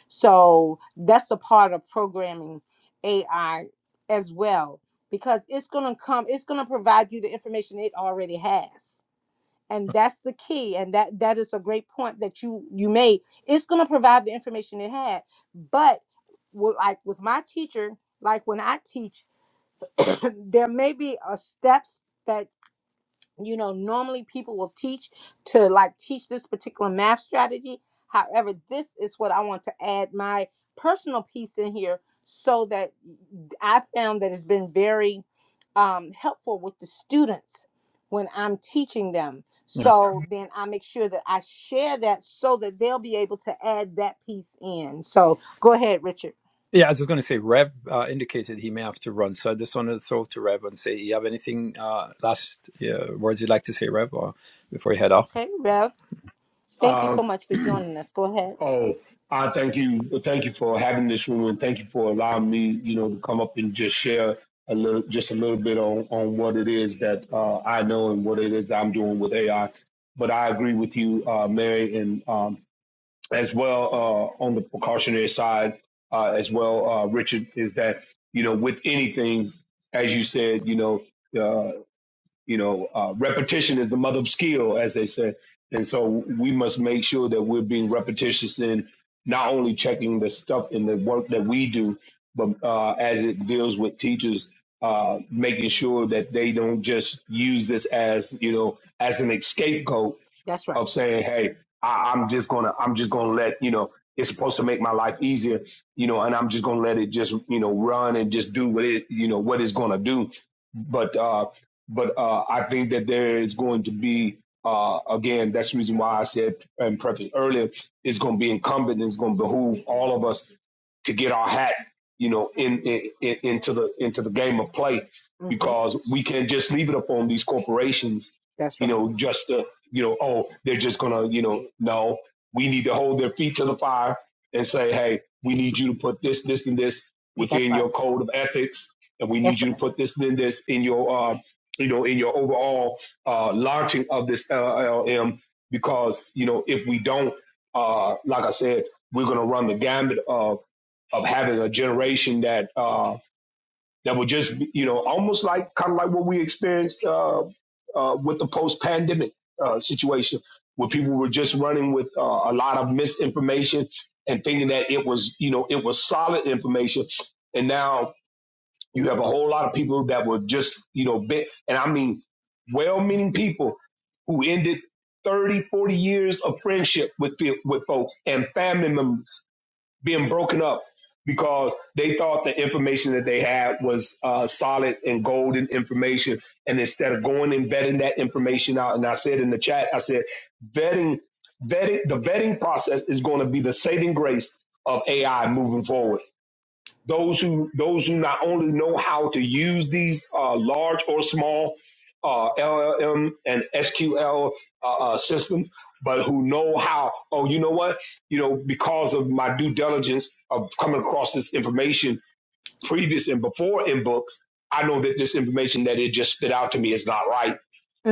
Speaker 1: So that's a part of programming AI as well because it's going to come it's going to provide you the information it already has. And that's the key and that that is a great point that you you made. It's going to provide the information it had, but with, like with my teacher, like when I teach, [CLEARS THROAT] there may be a steps that you know normally people will teach to like teach this particular math strategy however this is what i want to add my personal piece in here so that i found that it's been very um, helpful with the students when i'm teaching them
Speaker 3: yeah
Speaker 1: so then i make sure that i share that so that they'll be able to add that piece in so go ahead richard
Speaker 3: yeah i was just going to say rev uh, indicated he may have to run so i just wanted to throw to rev and say you have anything uh, last yeah, words you'd like to say rev or before you head off
Speaker 1: okay rev thank you so
Speaker 4: Um,
Speaker 1: much for joining us go ahead
Speaker 4: oh, I thank you. Thank you for having this room and thank you for allowing me, you know, to come up and just share a little, just a little bit on, on what it is that uh, I know and what it is I'm doing with AI. But I agree with you, uh, Mary, and um, as well uh, on the precautionary side uh, as well, uh, Richard, is that you know with anything, as you said, you know, uh, you know, uh, repetition is the mother of skill, as they said, and so we must make sure that we're being repetitious in not only checking the stuff in the work that we do, but uh, as it deals with teachers. Uh, making sure that they don't just use this as you know as an escape goat,
Speaker 1: that's right
Speaker 4: of saying, "Hey, I, I'm just gonna, I'm just gonna let you know, it's supposed to make my life easier, you know, and I'm just gonna let it just, you know, run and just do what it, you know, what it's gonna do." But, uh, but uh, I think that there is going to be, uh, again, that's the reason why I said and preface earlier, it's going to be incumbent, and it's going to behoove all of us to get our hats, you know, in, in, in into the into the game of play
Speaker 1: hmm
Speaker 4: because we can't just leave it up on these corporations,
Speaker 1: that's
Speaker 4: you
Speaker 1: right
Speaker 4: know, just to you know, oh, they're just gonna, you know, no, we need to hold their feet to the fire and say, hey, we need you to put this, this, and this
Speaker 1: that's
Speaker 4: within
Speaker 1: right
Speaker 4: your code of ethics, and we
Speaker 1: that's
Speaker 4: need you to
Speaker 1: right
Speaker 4: put this and this in your, uh, you know, in your overall uh, launching of this LLM, because you know, if we don't, uh, like I said, we're gonna run the gambit of of having a generation that. Uh, that would just be, you know almost like kind of like what we experienced uh, uh, with the post-pandemic uh, situation where people were just running with uh, a lot of misinformation and thinking that it was you know it was solid information and now you have a whole lot of people that were just you know bit and i mean well-meaning people who ended 30, 40 years of friendship with with folks and family members being broken up because they thought the information that they had was uh, solid and golden information. And instead of going and vetting that information out, and I said in the chat, I said, vetting, vetting, the vetting process is going to be the saving grace of AI moving forward those who those who not only know how to use these uh, large or small uh, LLM and SQL uh, uh, systems, but who know how. Oh, you know what? You know, because of my due diligence of coming across this information previous and before in books, I know that this information that it just stood out to me is not right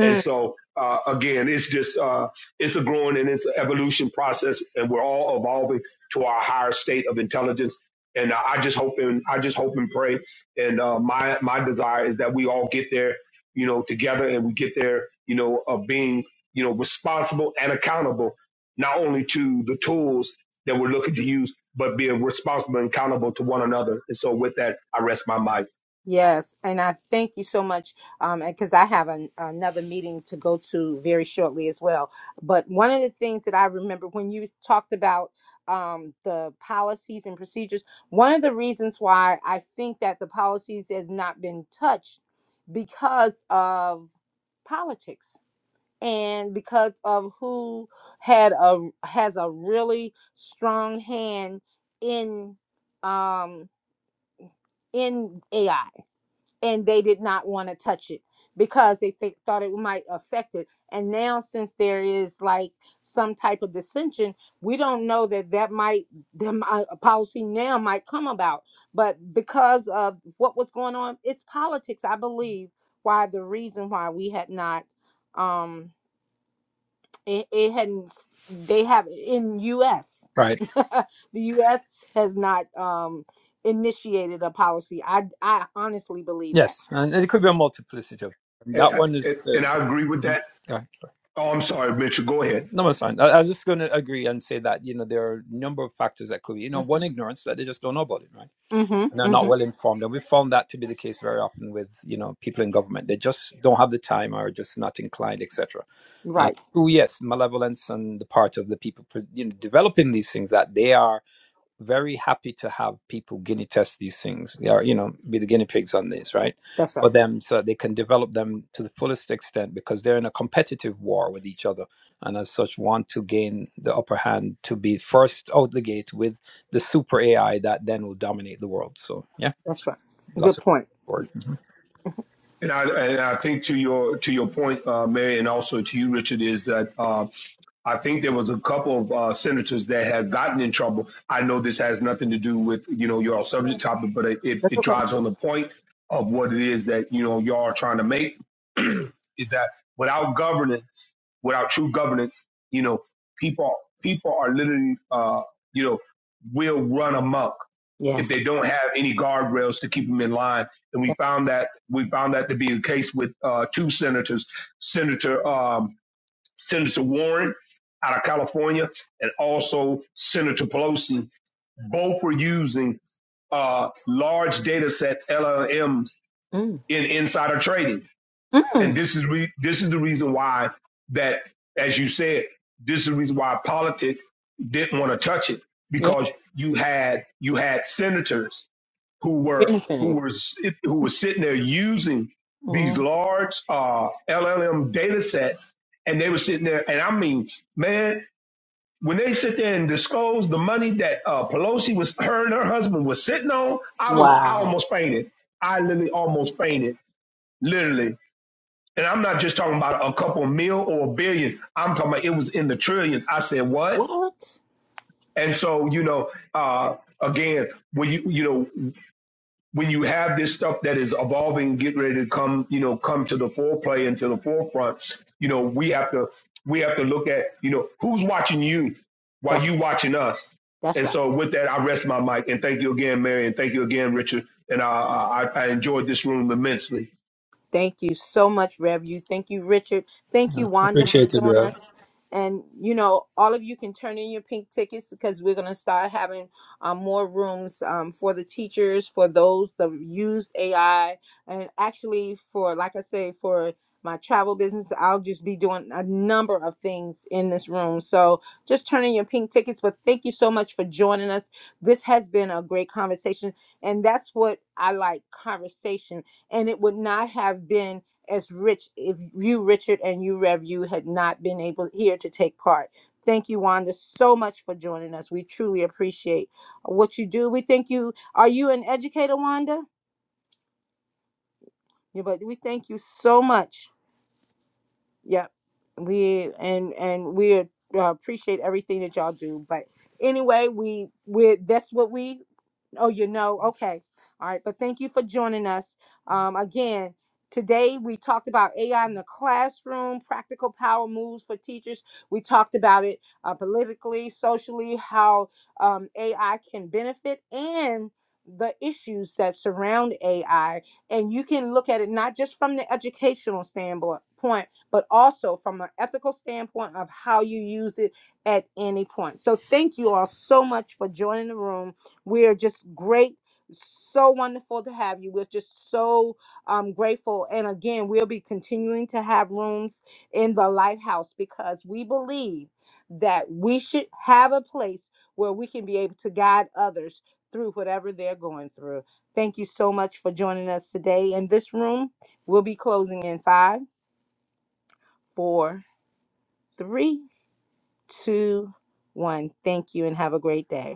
Speaker 4: and so, uh, again, it's just uh, it's a growing and it's an evolution process, and we're all evolving to our higher state of intelligence. And uh, I just hope and I just hope and pray. And uh, my my desire is that we all get there, you know, together, and we get there, you know, of uh, being you know responsible and accountable, not only to the tools that we're looking to use, but being responsible and accountable to one another. And so, with that, I rest my mic.
Speaker 1: yes, and I thank you so much um, because I have an, another meeting to go to very shortly as well. But one of the things that I remember when you talked about um, the policies and procedures, one of the reasons why I think that the policies has not been touched because of politics and because of who had a has a really strong hand in um, in AI and they did not want to touch it because they think thought it might affect it and now since there is like some type of dissension we don't know that that might them a policy now might come about but because of what was going on it's politics i believe why the reason why we had not um it, it hadn't they have in us
Speaker 3: right
Speaker 1: [LAUGHS] the us has not um initiated a policy i i honestly believe that
Speaker 3: yes and it could be a multiplicity of that one is
Speaker 4: And,
Speaker 3: uh,
Speaker 4: and I agree.
Speaker 3: mhm. Go ahead.
Speaker 4: Oh, I'm sorry, Mitchell. Go ahead.
Speaker 3: No, it's fine. I, I was just going to agree and say that, you know, there are a number of factors that could be, you know,
Speaker 1: Mm-hmm.
Speaker 3: one ignorance that they just don't know about it, right?
Speaker 1: Mm-hmm.
Speaker 3: And they're not
Speaker 1: Mm-hmm.
Speaker 3: well informed. And we found that to be the case very often with, you know, people in government. They just don't have the time or just not inclined, etc. Uh,
Speaker 1: Right.
Speaker 3: oh, yes, malevolence on the part of the people, you know, developing these things that they are very happy to have people guinea test these things or you know be the guinea pigs on this right
Speaker 1: That's right.
Speaker 3: for them so they can develop them to the fullest extent because they're in a competitive war with each other and as such want to gain the upper hand to be first out the gate with the super ai that then will dominate the world so yeah
Speaker 1: That's right.
Speaker 3: lots
Speaker 1: Good
Speaker 3: of
Speaker 1: point.
Speaker 3: word Mhm.
Speaker 4: And I and I think to your to your point, uh, Mary, and also to you, Richard, is that uh, I think there was a couple of uh, senators that had gotten in trouble. I know this has nothing to do with you know your subject topic, but it, it,
Speaker 1: That's
Speaker 4: it
Speaker 1: okay.
Speaker 4: drives on the point of what it is that you know y'all are trying to make [CLEARS THROAT] is that without governance, without true governance, you know people people are literally uh, you know will run amok if
Speaker 1: Yes.
Speaker 4: they don't have any guardrails to keep them in line. And we
Speaker 1: That-
Speaker 4: found that we found that to be the case with uh, two senators, Senator. Um, Senator Warren out of California, and also Senator Pelosi. Both were using uh, large data set LLMs
Speaker 1: Mm.
Speaker 4: in insider trading, and
Speaker 1: Mm.
Speaker 4: this is re- this is the reason why that, as you said, this is the reason why politics didn't want to touch it
Speaker 1: Yeah.
Speaker 4: because you had you had senators who were who
Speaker 1: Benefiting.
Speaker 4: were sit- who were sitting there using these
Speaker 1: Mm.
Speaker 4: large uh, LLM data sets, and they were sitting there, and I mean, man, when they sit there and disclose the money that uh, Pelosi was her and her husband was sitting on, I was I
Speaker 1: Wow.
Speaker 4: almost fainted. I literally almost fainted, literally. And I'm not just talking about a couple mil or a billion. I'm talking about it was in the trillions. I said what?
Speaker 1: What?
Speaker 4: And so you know, uh, again, when you you know when you have this stuff that is evolving, getting ready to come, you know, come to the foreplay and to the forefront, you know, we have to we have to look at, you know, who's watching you while
Speaker 1: That's
Speaker 4: you watching us.
Speaker 1: that's
Speaker 4: And
Speaker 1: right.
Speaker 4: so with that, I rest my mic and thank you again, Mary, and thank you again, Richard. And I I, I enjoyed this room immensely.
Speaker 1: Thank you so much, Rev. You. Thank you, Richard. Thank
Speaker 3: Yeah,
Speaker 1: you, Wanda, for
Speaker 3: appreciate it
Speaker 1: joining
Speaker 3: Rev.
Speaker 1: us. And you know, all of you can turn in your pink tickets because we're gonna start having um, more rooms um, for the teachers, for those that use AI, and actually for, like I say, for my travel business, I'll just be doing a number of things in this room. So just turn in your pink tickets. But thank you so much for joining us. This has been a great conversation, and that's what I like conversations and it would not have been as rich if you, Richard, and you, Rev, you had not been able here to take part. Thank you, Wanda, so much for joining us. We truly appreciate what you do. We thank you. Are you an educator, Wanda? Yeah, but we thank you so much. Yep, we and and we uh, appreciate everything that y'all do. But anyway, we we that's what we Oh, you know, okay. All right, but thank you for joining us. Um, again, today we talked about AI in the classroom, practical power moves for teachers. We talked about it uh, politically, socially, how um, AI can benefit and the issues that surround AI. And you can look at it not just from the educational standpoint, but also from an ethical standpoint of how you use it at any point. So, thank you all so much for joining the room. We are just great, so wonderful to have you. We're just so um, grateful. And again, we'll be continuing to have rooms in the lighthouse because we believe that we should have a place where we can be able to guide others through whatever they're going through. Thank you so much for joining us today. And this room will be closing in five, four, three, two, one. Thank you and have a great day.